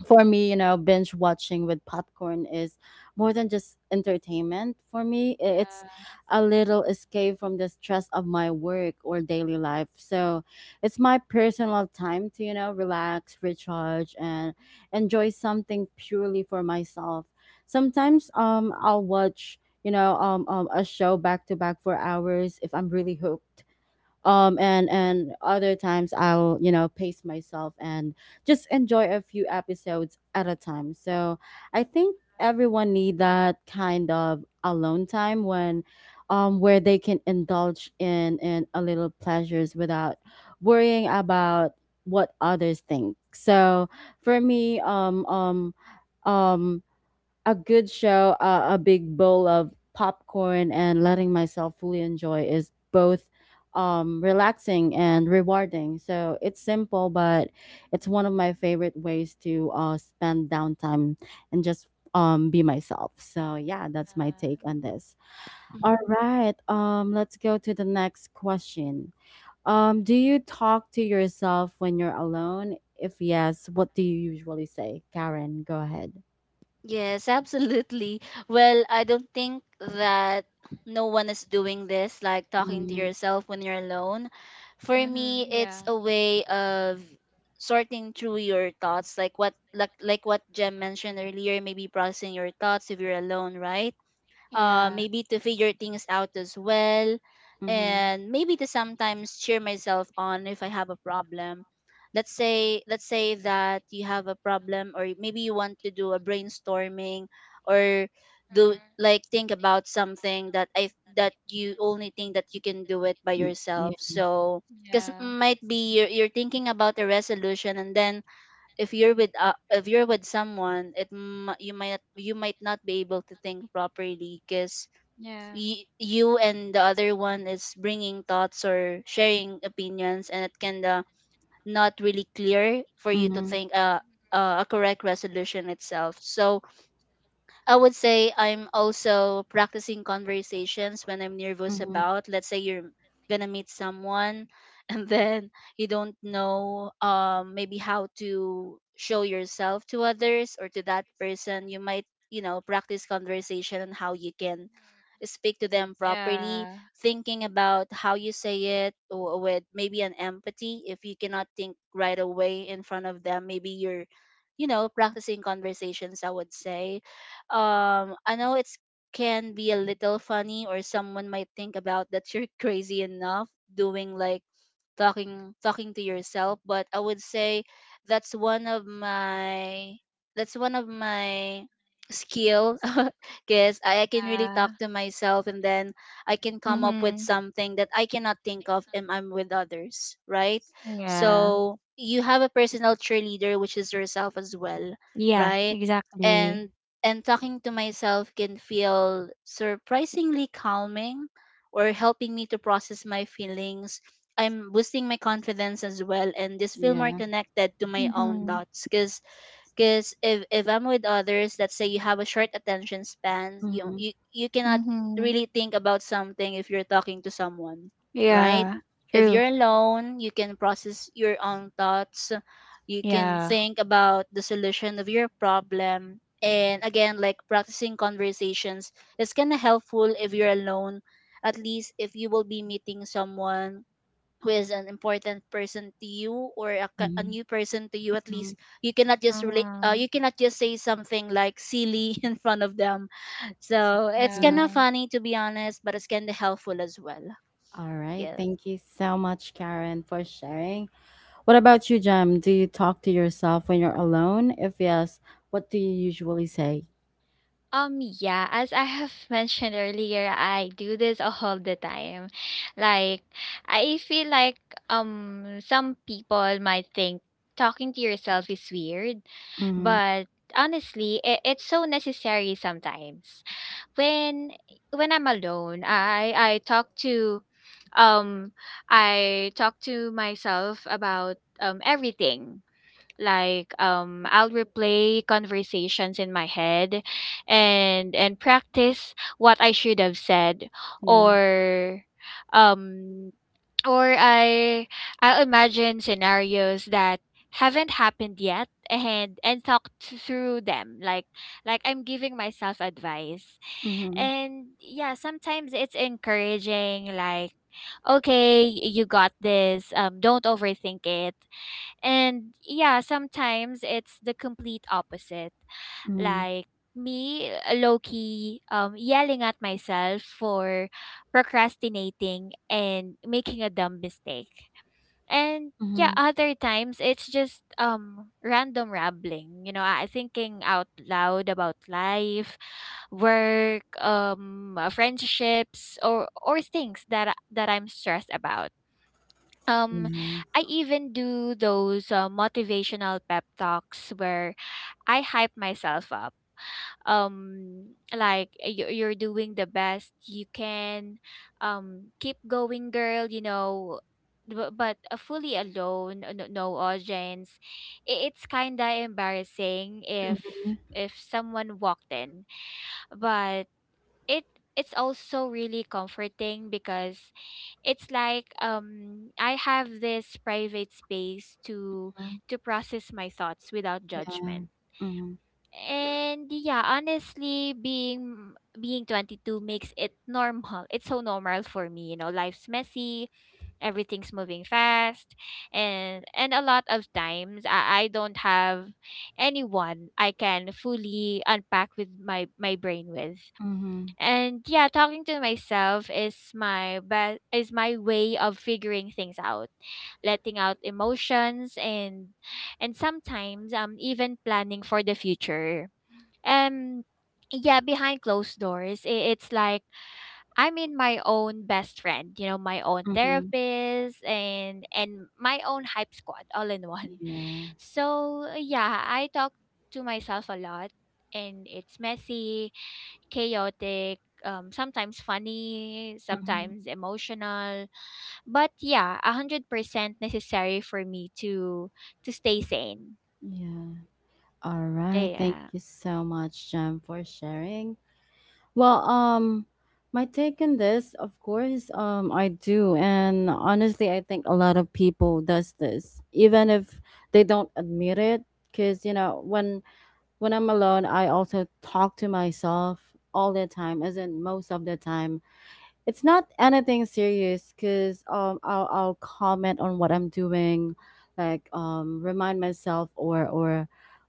S1: for me, binge watching with popcorn is more than just entertainment for me. It's
S3: Yeah.
S1: a little escape from the stress of my work or daily life. So it's my personal time to, relax, recharge, and enjoy something purely for myself. Sometimes I'll watch, a show back to back for hours if I'm really hooked, and other times I'll, pace myself, and just enjoy a few episodes at a time. So I think everyone need that kind of alone time, when where they can indulge in a little pleasures without worrying about what others think. So for me, um a good show, a big bowl of popcorn, and letting myself fully enjoy is both, relaxing and rewarding. So it's simple, but it's one of my favorite ways to, spend downtime and just, be myself. So yeah, that's my take
S3: Yeah.
S1: on this. All
S2: Mm-hmm.
S1: right, let's go to the next question. Do you talk to yourself when you're alone? If yes, what do you usually say? Karen, go ahead.
S2: Yes, absolutely. Well, I don't think that no one is doing this, like talking to
S1: Mm-hmm.
S2: yourself when you're alone. For
S3: Mhm.
S2: me, it's a way of sorting through your thoughts, like what Jem mentioned earlier, maybe processing your thoughts if you're alone, right? Maybe to figure things out as well, and maybe to sometimes cheer myself on if I have a problem. Let's say that you have a problem, or maybe you want to do a brainstorming, or do, like, think about something that you only think that you can do it by
S1: Ye
S2: yourself.
S1: Yeah.
S2: So, because might be you're thinking about a resolution, and then if you're with someone, you might not be able to think properly. Because you and the other one is bringing thoughts or sharing opinions, and it can, not really clear for you to
S1: Mhm.
S2: think, a correct resolution itself. So, I would say I'm also practicing conversations when I'm nervous
S1: Mhm.
S2: about. Let's say you're gonna meet someone, and then you don't know, maybe how to show yourself to others or to that person. You might, practice conversation and how you can speak to them properly, thinking about how you say it, or with maybe an empathy. If you cannot think right away in front of them, maybe you're, practicing conversations, I would say. I know it's can be a little funny, or someone might think about that you're crazy enough doing, like, talking to yourself. But I would say that's one of my that's one of my skill. Because I can really
S3: Yeah.
S2: talk to myself, and then I can come up with
S3: Mhm.
S2: something that I cannot think of if I'm with others, right?
S3: Yeah.
S2: So you have a personal cheerleader, which is yourself as well,
S3: Yeah.
S2: right?
S3: Exactly.
S2: and and talking to myself can feel surprisingly calming, or helping me to process my feelings. I'm boosting my confidence as well, and just feel more
S1: Yeah.
S2: connected to my own
S3: Mhm.
S1: Mhm.
S2: thoughts. Because if I'm with others, let's say you have a short attention span, you
S1: Mhm.
S2: you you cannot
S3: Mm-hmm.
S2: really think about something if you're talking to someone, right?
S3: Yeah.
S2: If
S3: True.
S2: you're alone, you can process your own thoughts, you can
S3: Yeah.
S2: think about the solution of your problem, and again, like practicing conversations, is kind of helpful if you're alone. At least if you will be meeting someone who is an important person to you, or a
S1: Mhm.
S2: new person to you, at least
S1: Mhm.
S3: Uh-huh.
S2: you cannot just say something like silly in front of them. So it's kind
S1: Exactly.
S2: of
S3: Yeah.
S2: funny, to be honest, but it's kind of helpful as well.
S1: Alright,
S2: Yeah.
S1: thank you so much, Karen, for sharing. What about you, Jem? Do you talk to yourself when you're alone? If yes, what do you usually say?
S3: Like, I feel like some people might think talking to yourself is weird,
S1: Mhm.
S3: but honestly, it's so necessary sometimes. When when I'm alone, I talk to um I talk to myself about everything. Like, I'll replay conversations in my head and practice what I should have said,
S1: Yeah.
S3: or um or I I'll imagine scenarios that haven't happened yet and talk through them, like I'm giving myself advice.
S1: Mhm.
S3: And yeah, sometimes it's encouraging, like, okay, you got this, don't overthink it. And yeah, sometimes it's the complete opposite.
S1: Mhm.
S3: Like me, low key, yelling at myself for procrastinating and making a dumb mistake. And yeah,
S1: Mhm.
S3: other times it's just random rambling, you know, I thinking out loud about life, work, friendships, or or things that I'm stressed about. um,
S1: Yeah.
S3: I even do those motivational pep talks where I hype myself up. Like, you're doing the best you can. Keep going, girl. You know, bu- but fully alone, no audience. It's kinda embarrassing
S1: Mhm.
S3: if someone walked in, but it it's also really comforting because it's like I have this private space
S1: Mhm.
S3: to process my thoughts without
S1: Yeah.
S3: judgment.
S1: Mhm.
S3: And yeah, honestly, being 22 makes it normal. It's so normal for me, you know, life's messy, everything's moving fast, and a lot of times I don't have anyone I can fully unpack with my my brain with.
S1: Mhm.
S3: And yeah, talking to myself is my best is my way of figuring things out, letting out emotions, and sometimes even planning for the future. Um yeah, behind closed doors, it's like I'm in my own best friend, you know, my own
S1: Mhm.
S3: therapist and my own hype squad all in one.
S1: Yeah.
S3: So yeah, I talk to myself a lot, and it's messy, chaotic, sometimes funny,
S1: Mhm.
S3: sometimes emotional. But yeah, 100% necessary for me to stay sane.
S1: Yeah. All right. Thank
S3: Yeah.
S1: you so much, Jem, for sharing. Well, my take on this, of course, I do, and honestly, I think a lot of people does this, even if they don't admit it. Cause, when I'm alone, I also talk to myself all the time, as in most of the time. It's not anything serious because I'll comment on what I'm doing, like remind myself, or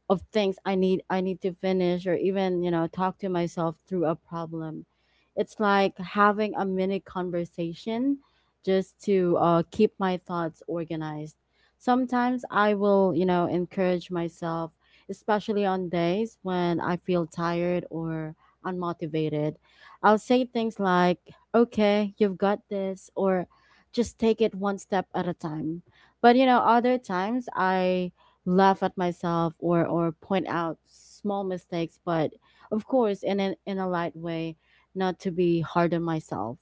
S1: of things I need, to finish, or even, talk to myself through a problem. It's like having a mini conversation just to, keep my thoughts organized. Sometimes I will, encourage myself, especially on days when I feel tired or unmotivated. I'll say things like, okay, you've got this, or just take it one step at a time. But, other times I laugh at myself, or point out small mistakes, but of course in a light way, not to be hard on myself.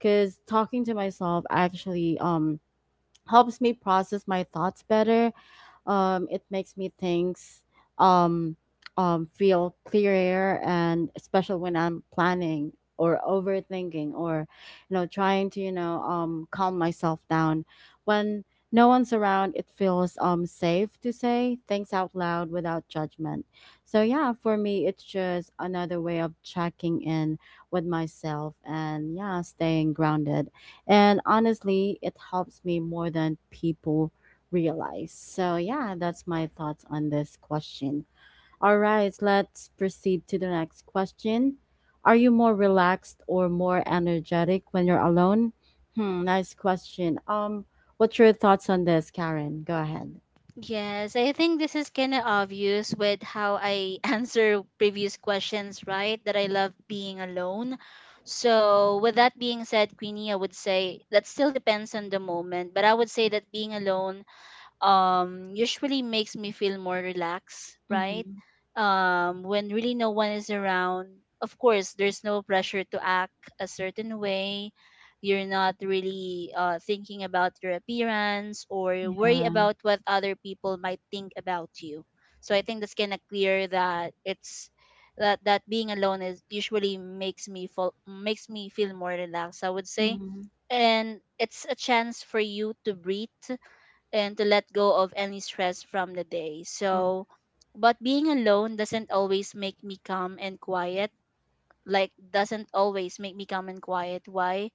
S1: Cause talking to myself actually, helps me process my thoughts better. It makes me things, um, feel clearer, and especially when I'm planning, or overthinking, or, trying to, calm myself down, when no one's around, it feels safe to say things out loud without judgment. So yeah, for me it's just another way of checking in with myself, and yeah, staying grounded, and honestly, it helps me more than people realize. So, yeah, that's my thoughts on this question. All right, let's proceed to the next question. Are you more relaxed or more energetic when you're alone? Hmm, nice question. What's your thoughts on this, Karen? Go ahead.
S2: Yes, I think this is kind of obvious with how I answer previous questions, right? That I love being alone. So with that being said Queenie, I would say that still depends on the moment, but I would say that being alone usually makes me feel more relaxed, right?
S1: Mm-hmm.
S2: When really no one is around, of course there's no pressure to act a certain way. You're not really thinking about your appearance or worry
S1: Yeah.
S2: about what other people might think about you. So I think that's kind of clear that it's that that being alone is usually makes me feel more relaxed, I would say.
S1: Mm-hmm.
S2: And it's a chance for you to breathe and to let go of any stress from the day. So, but being alone doesn't always make me calm and quiet. Like, doesn't always make me calm and quiet. Why?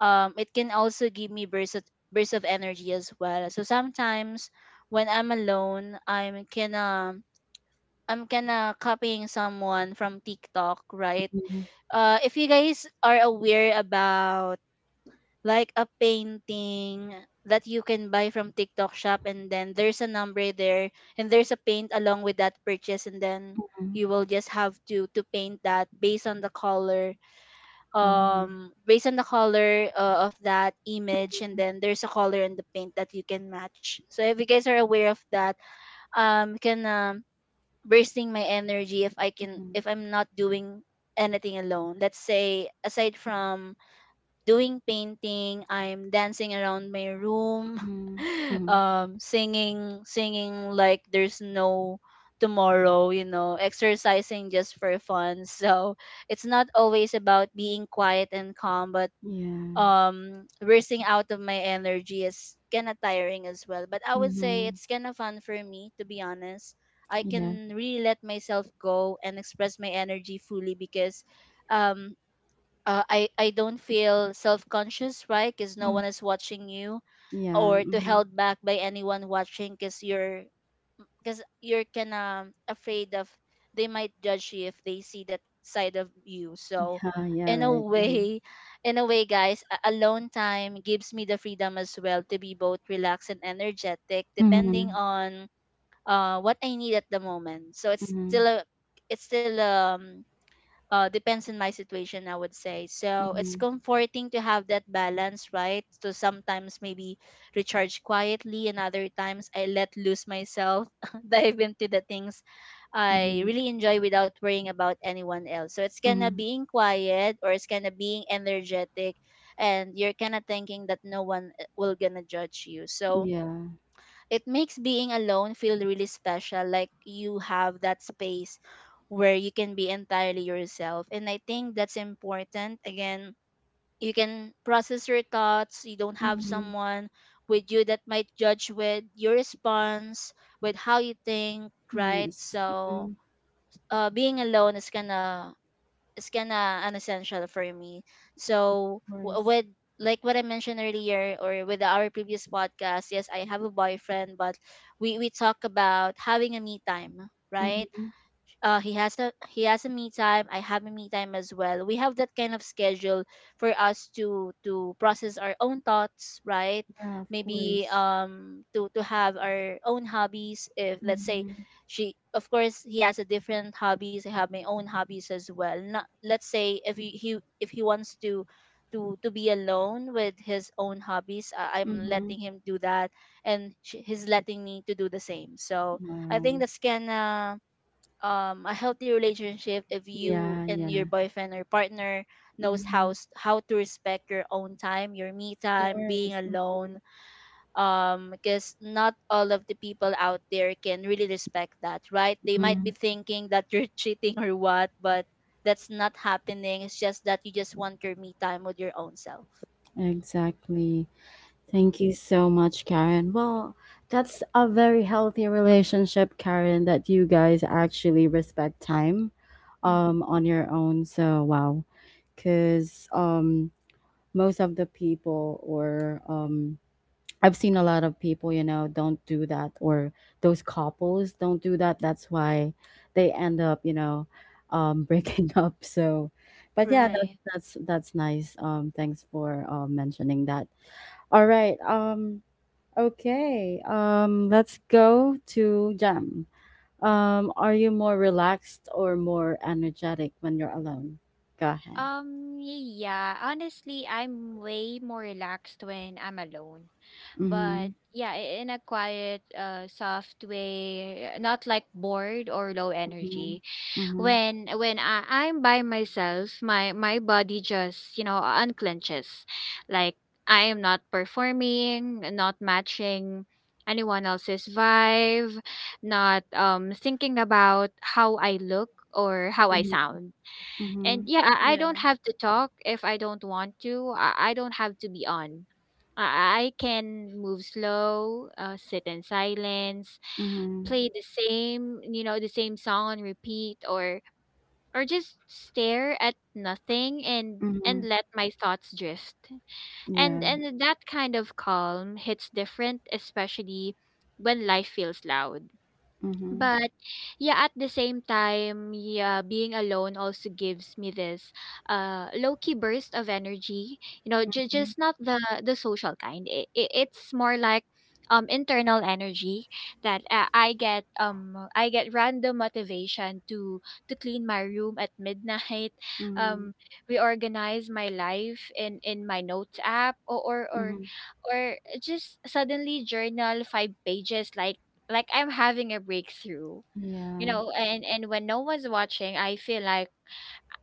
S2: It can also give me bursts of energy as well. So sometimes when I'm alone, I'm kinda copying someone from TikTok, right?
S1: Mm-hmm.
S2: If you guys are aware about like a painting that you can buy from TikTok shop, and then there's a number there, and there's a paint along with that purchase, and then
S1: Mm-hmm.
S2: you will just have to paint that based on the color,
S1: Um,
S2: based on the color of that image, and then there's a color in the paint that you can match. So if you guys are aware of that, can bursting my energy, if I can,
S1: mhm.
S2: if I'm not doing anything alone, let's say aside from doing painting, I'm dancing around my room,
S1: Mhm. Mhm.
S2: singing, like there's no tomorrow, exercising just for fun. So it's not always about being quiet and calm, but
S1: Yeah.
S2: bursting out of my energy is kind of tiring as well, but I would say
S1: Mm-hmm.
S2: it's kind of fun for me, to be honest. I
S1: Yeah.
S2: can really let myself go and express my energy fully, because um I don't feel self conscious, right? Because no
S1: Mm.
S2: one is watching you,
S1: Yeah.
S2: or to
S1: Mm-hmm.
S2: held back by anyone watching, because you're kinda afraid of they might judge you if they see that side of you. So,
S1: Yeah. Yeah.
S2: in a
S1: Right. Mm-hmm.
S2: way, in a way, guys, alone time gives me the freedom as well to be both relaxed and energetic, depending on what I need at the moment. So it's
S1: Mm-hmm.
S2: still a it's still depends on my situation, I would say. So it's
S1: Mhm.
S2: comforting to have that balance, right? To sometimes maybe recharge quietly, and other times I let loose myself, dive into the things I
S1: Mhm.
S2: really enjoy without worrying about anyone else. So it's kind of
S1: Mhm.
S2: being quiet or it's kind of being energetic, and you're kind of thinking that no one will gonna judge you. So
S1: Yeah.
S2: it makes being alone feel really special, like you have that space where you can be entirely yourself, and I think that's important. Again, you can process your thoughts, you don't have
S1: Mhm.
S2: someone with you that might judge with your response, with how you think, right?
S1: Yes.
S2: So
S1: Mhm.
S2: being alone is kind of an essential for me.
S1: Of
S2: So
S1: course.
S2: with like what I mentioned earlier, or with our previous podcast, yes, I have a boyfriend, but we talk about having a me time, right?
S1: Mhm.
S2: He has a me time, I have a me time as well, we have that kind of schedule for us to process our own thoughts, right?
S1: Yeah. Of
S2: Maybe
S1: course.
S2: to have our own hobbies, if let's say
S1: Mhm.
S2: she of course he has a different hobbies, I have my own hobbies as well. Not Let's say if he, he if he wants to to be alone with his own hobbies, I'm letting
S1: Mhm.
S2: him do that, and sh he's letting me to do the same. So I
S1: Wow.
S2: think that's gonna a healthy relationship, if you
S1: Yeah.
S2: and your
S1: Yeah.
S2: boyfriend or partner knows how
S1: Mhm.
S2: how to respect your own time, your me
S1: Of
S2: time
S1: course.
S2: being alone, because not all of the people out there can really respect that, right? They might be
S1: Mhm.
S2: thinking that you're cheating or what, but that's not happening. It's just that you just want your me time with your own self.
S1: Exactly. Thank
S2: Hmm.
S1: you so much, Karen. Well, that's a very healthy relationship, Karen, that you guys actually respect time,
S2: Hmm.
S1: on your own. So, wow, because, most of the people, or I've seen a lot of people, don't do that, or those couples don't do that. That's why they end up, breaking up. So but yeah,
S2: Right.
S1: that's nice. Thanks for, mentioning that. All right. Okay. Let's go to Jam. Are you more relaxed or more energetic when you're alone? Go ahead.
S3: Yeah, honestly, I'm way more relaxed when I'm alone.
S1: Mhm.
S3: But yeah, in a quiet, soft way, not like bored or low
S1: Mhm.
S3: energy. When I'm by myself, my body just, you know, unclenches, like, I am not performing, not matching anyone else's vibe, not thinking about how I look or how I
S1: Mhm.
S3: sound. And
S1: Mhm.
S3: yeah, I
S2: Yeah.
S3: don't have to talk if I don't want to. I don't have to be on. I can move slow, sit in silence,
S1: Mhm.
S3: play the same, you know, the same song on repeat, or just stare at nothing and and
S1: Mhm.
S3: let my thoughts drift.
S1: Yeah.
S3: And that kind of calm hits different, especially when life feels loud.
S1: Mhm.
S3: But yeah, at the same time, yeah, being alone also gives me this low-key burst of energy. You know,
S1: Mhm.
S3: just not the the social kind. It's more like internal energy that I get random motivation to clean my room at midnight,
S1: Mhm.
S3: um reorganize my life in my notes app,
S1: Mhm.
S3: or just suddenly journal 5 pages like I'm having a breakthrough, you
S1: Yeah.
S3: know, and when no one's watching, I feel like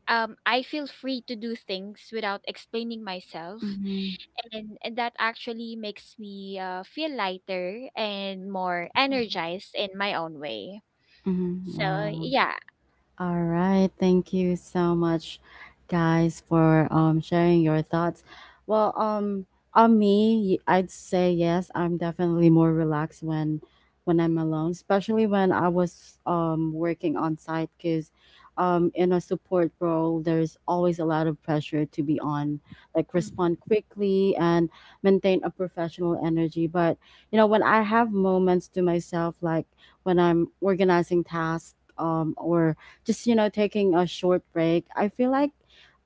S3: I feel free to do things without explaining myself,
S1: Mhm.
S3: and that actually makes me feel lighter and more energized in my own way.
S1: Mhm.
S3: So
S1: Wow.
S3: yeah,
S1: All right. Thank you so much, guys, for, sharing your thoughts. Well, on me, I'd say yes. I'm definitely more relaxed when I'm alone, especially when I was, working on site, because, in a support role, there's always a lot of pressure to be on, like respond
S2: Hmm.
S1: quickly and maintain a professional energy. But, when I have moments to myself, like when I'm organizing tasks. Or just, taking a short break, I feel like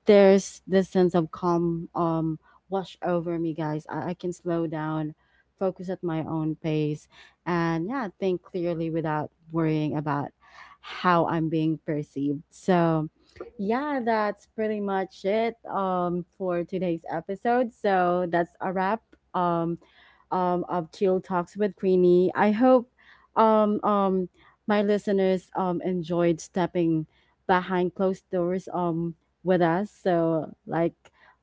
S1: there's this sense of calm wash over me, guys. I can slow down, focus at my own pace, and yeah, think clearly without worrying about how I'm being perceived. So yeah, that's pretty much it for today's episode, so that's a wrap, um of Chill Talks with Queenie. I hope um um my listeners, enjoyed stepping behind closed doors, with us. So, like,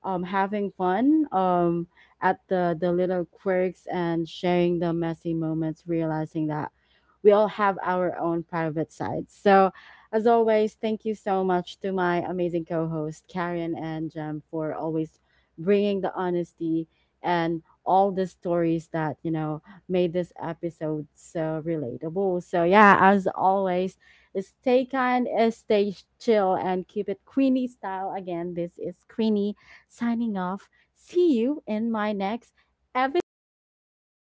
S1: having fun, at the little quirks and sharing the messy moments, realizing that we all have our own private sides. So, as always, thank you so much to my amazing co host, Karen and Jem, for always bringing the honesty and all the stories that, made this episode so relatable. So, yeah, as always, stay kind, stay chill, and keep it Queenie style. Again, this is Queenie signing off. See you in my next episode.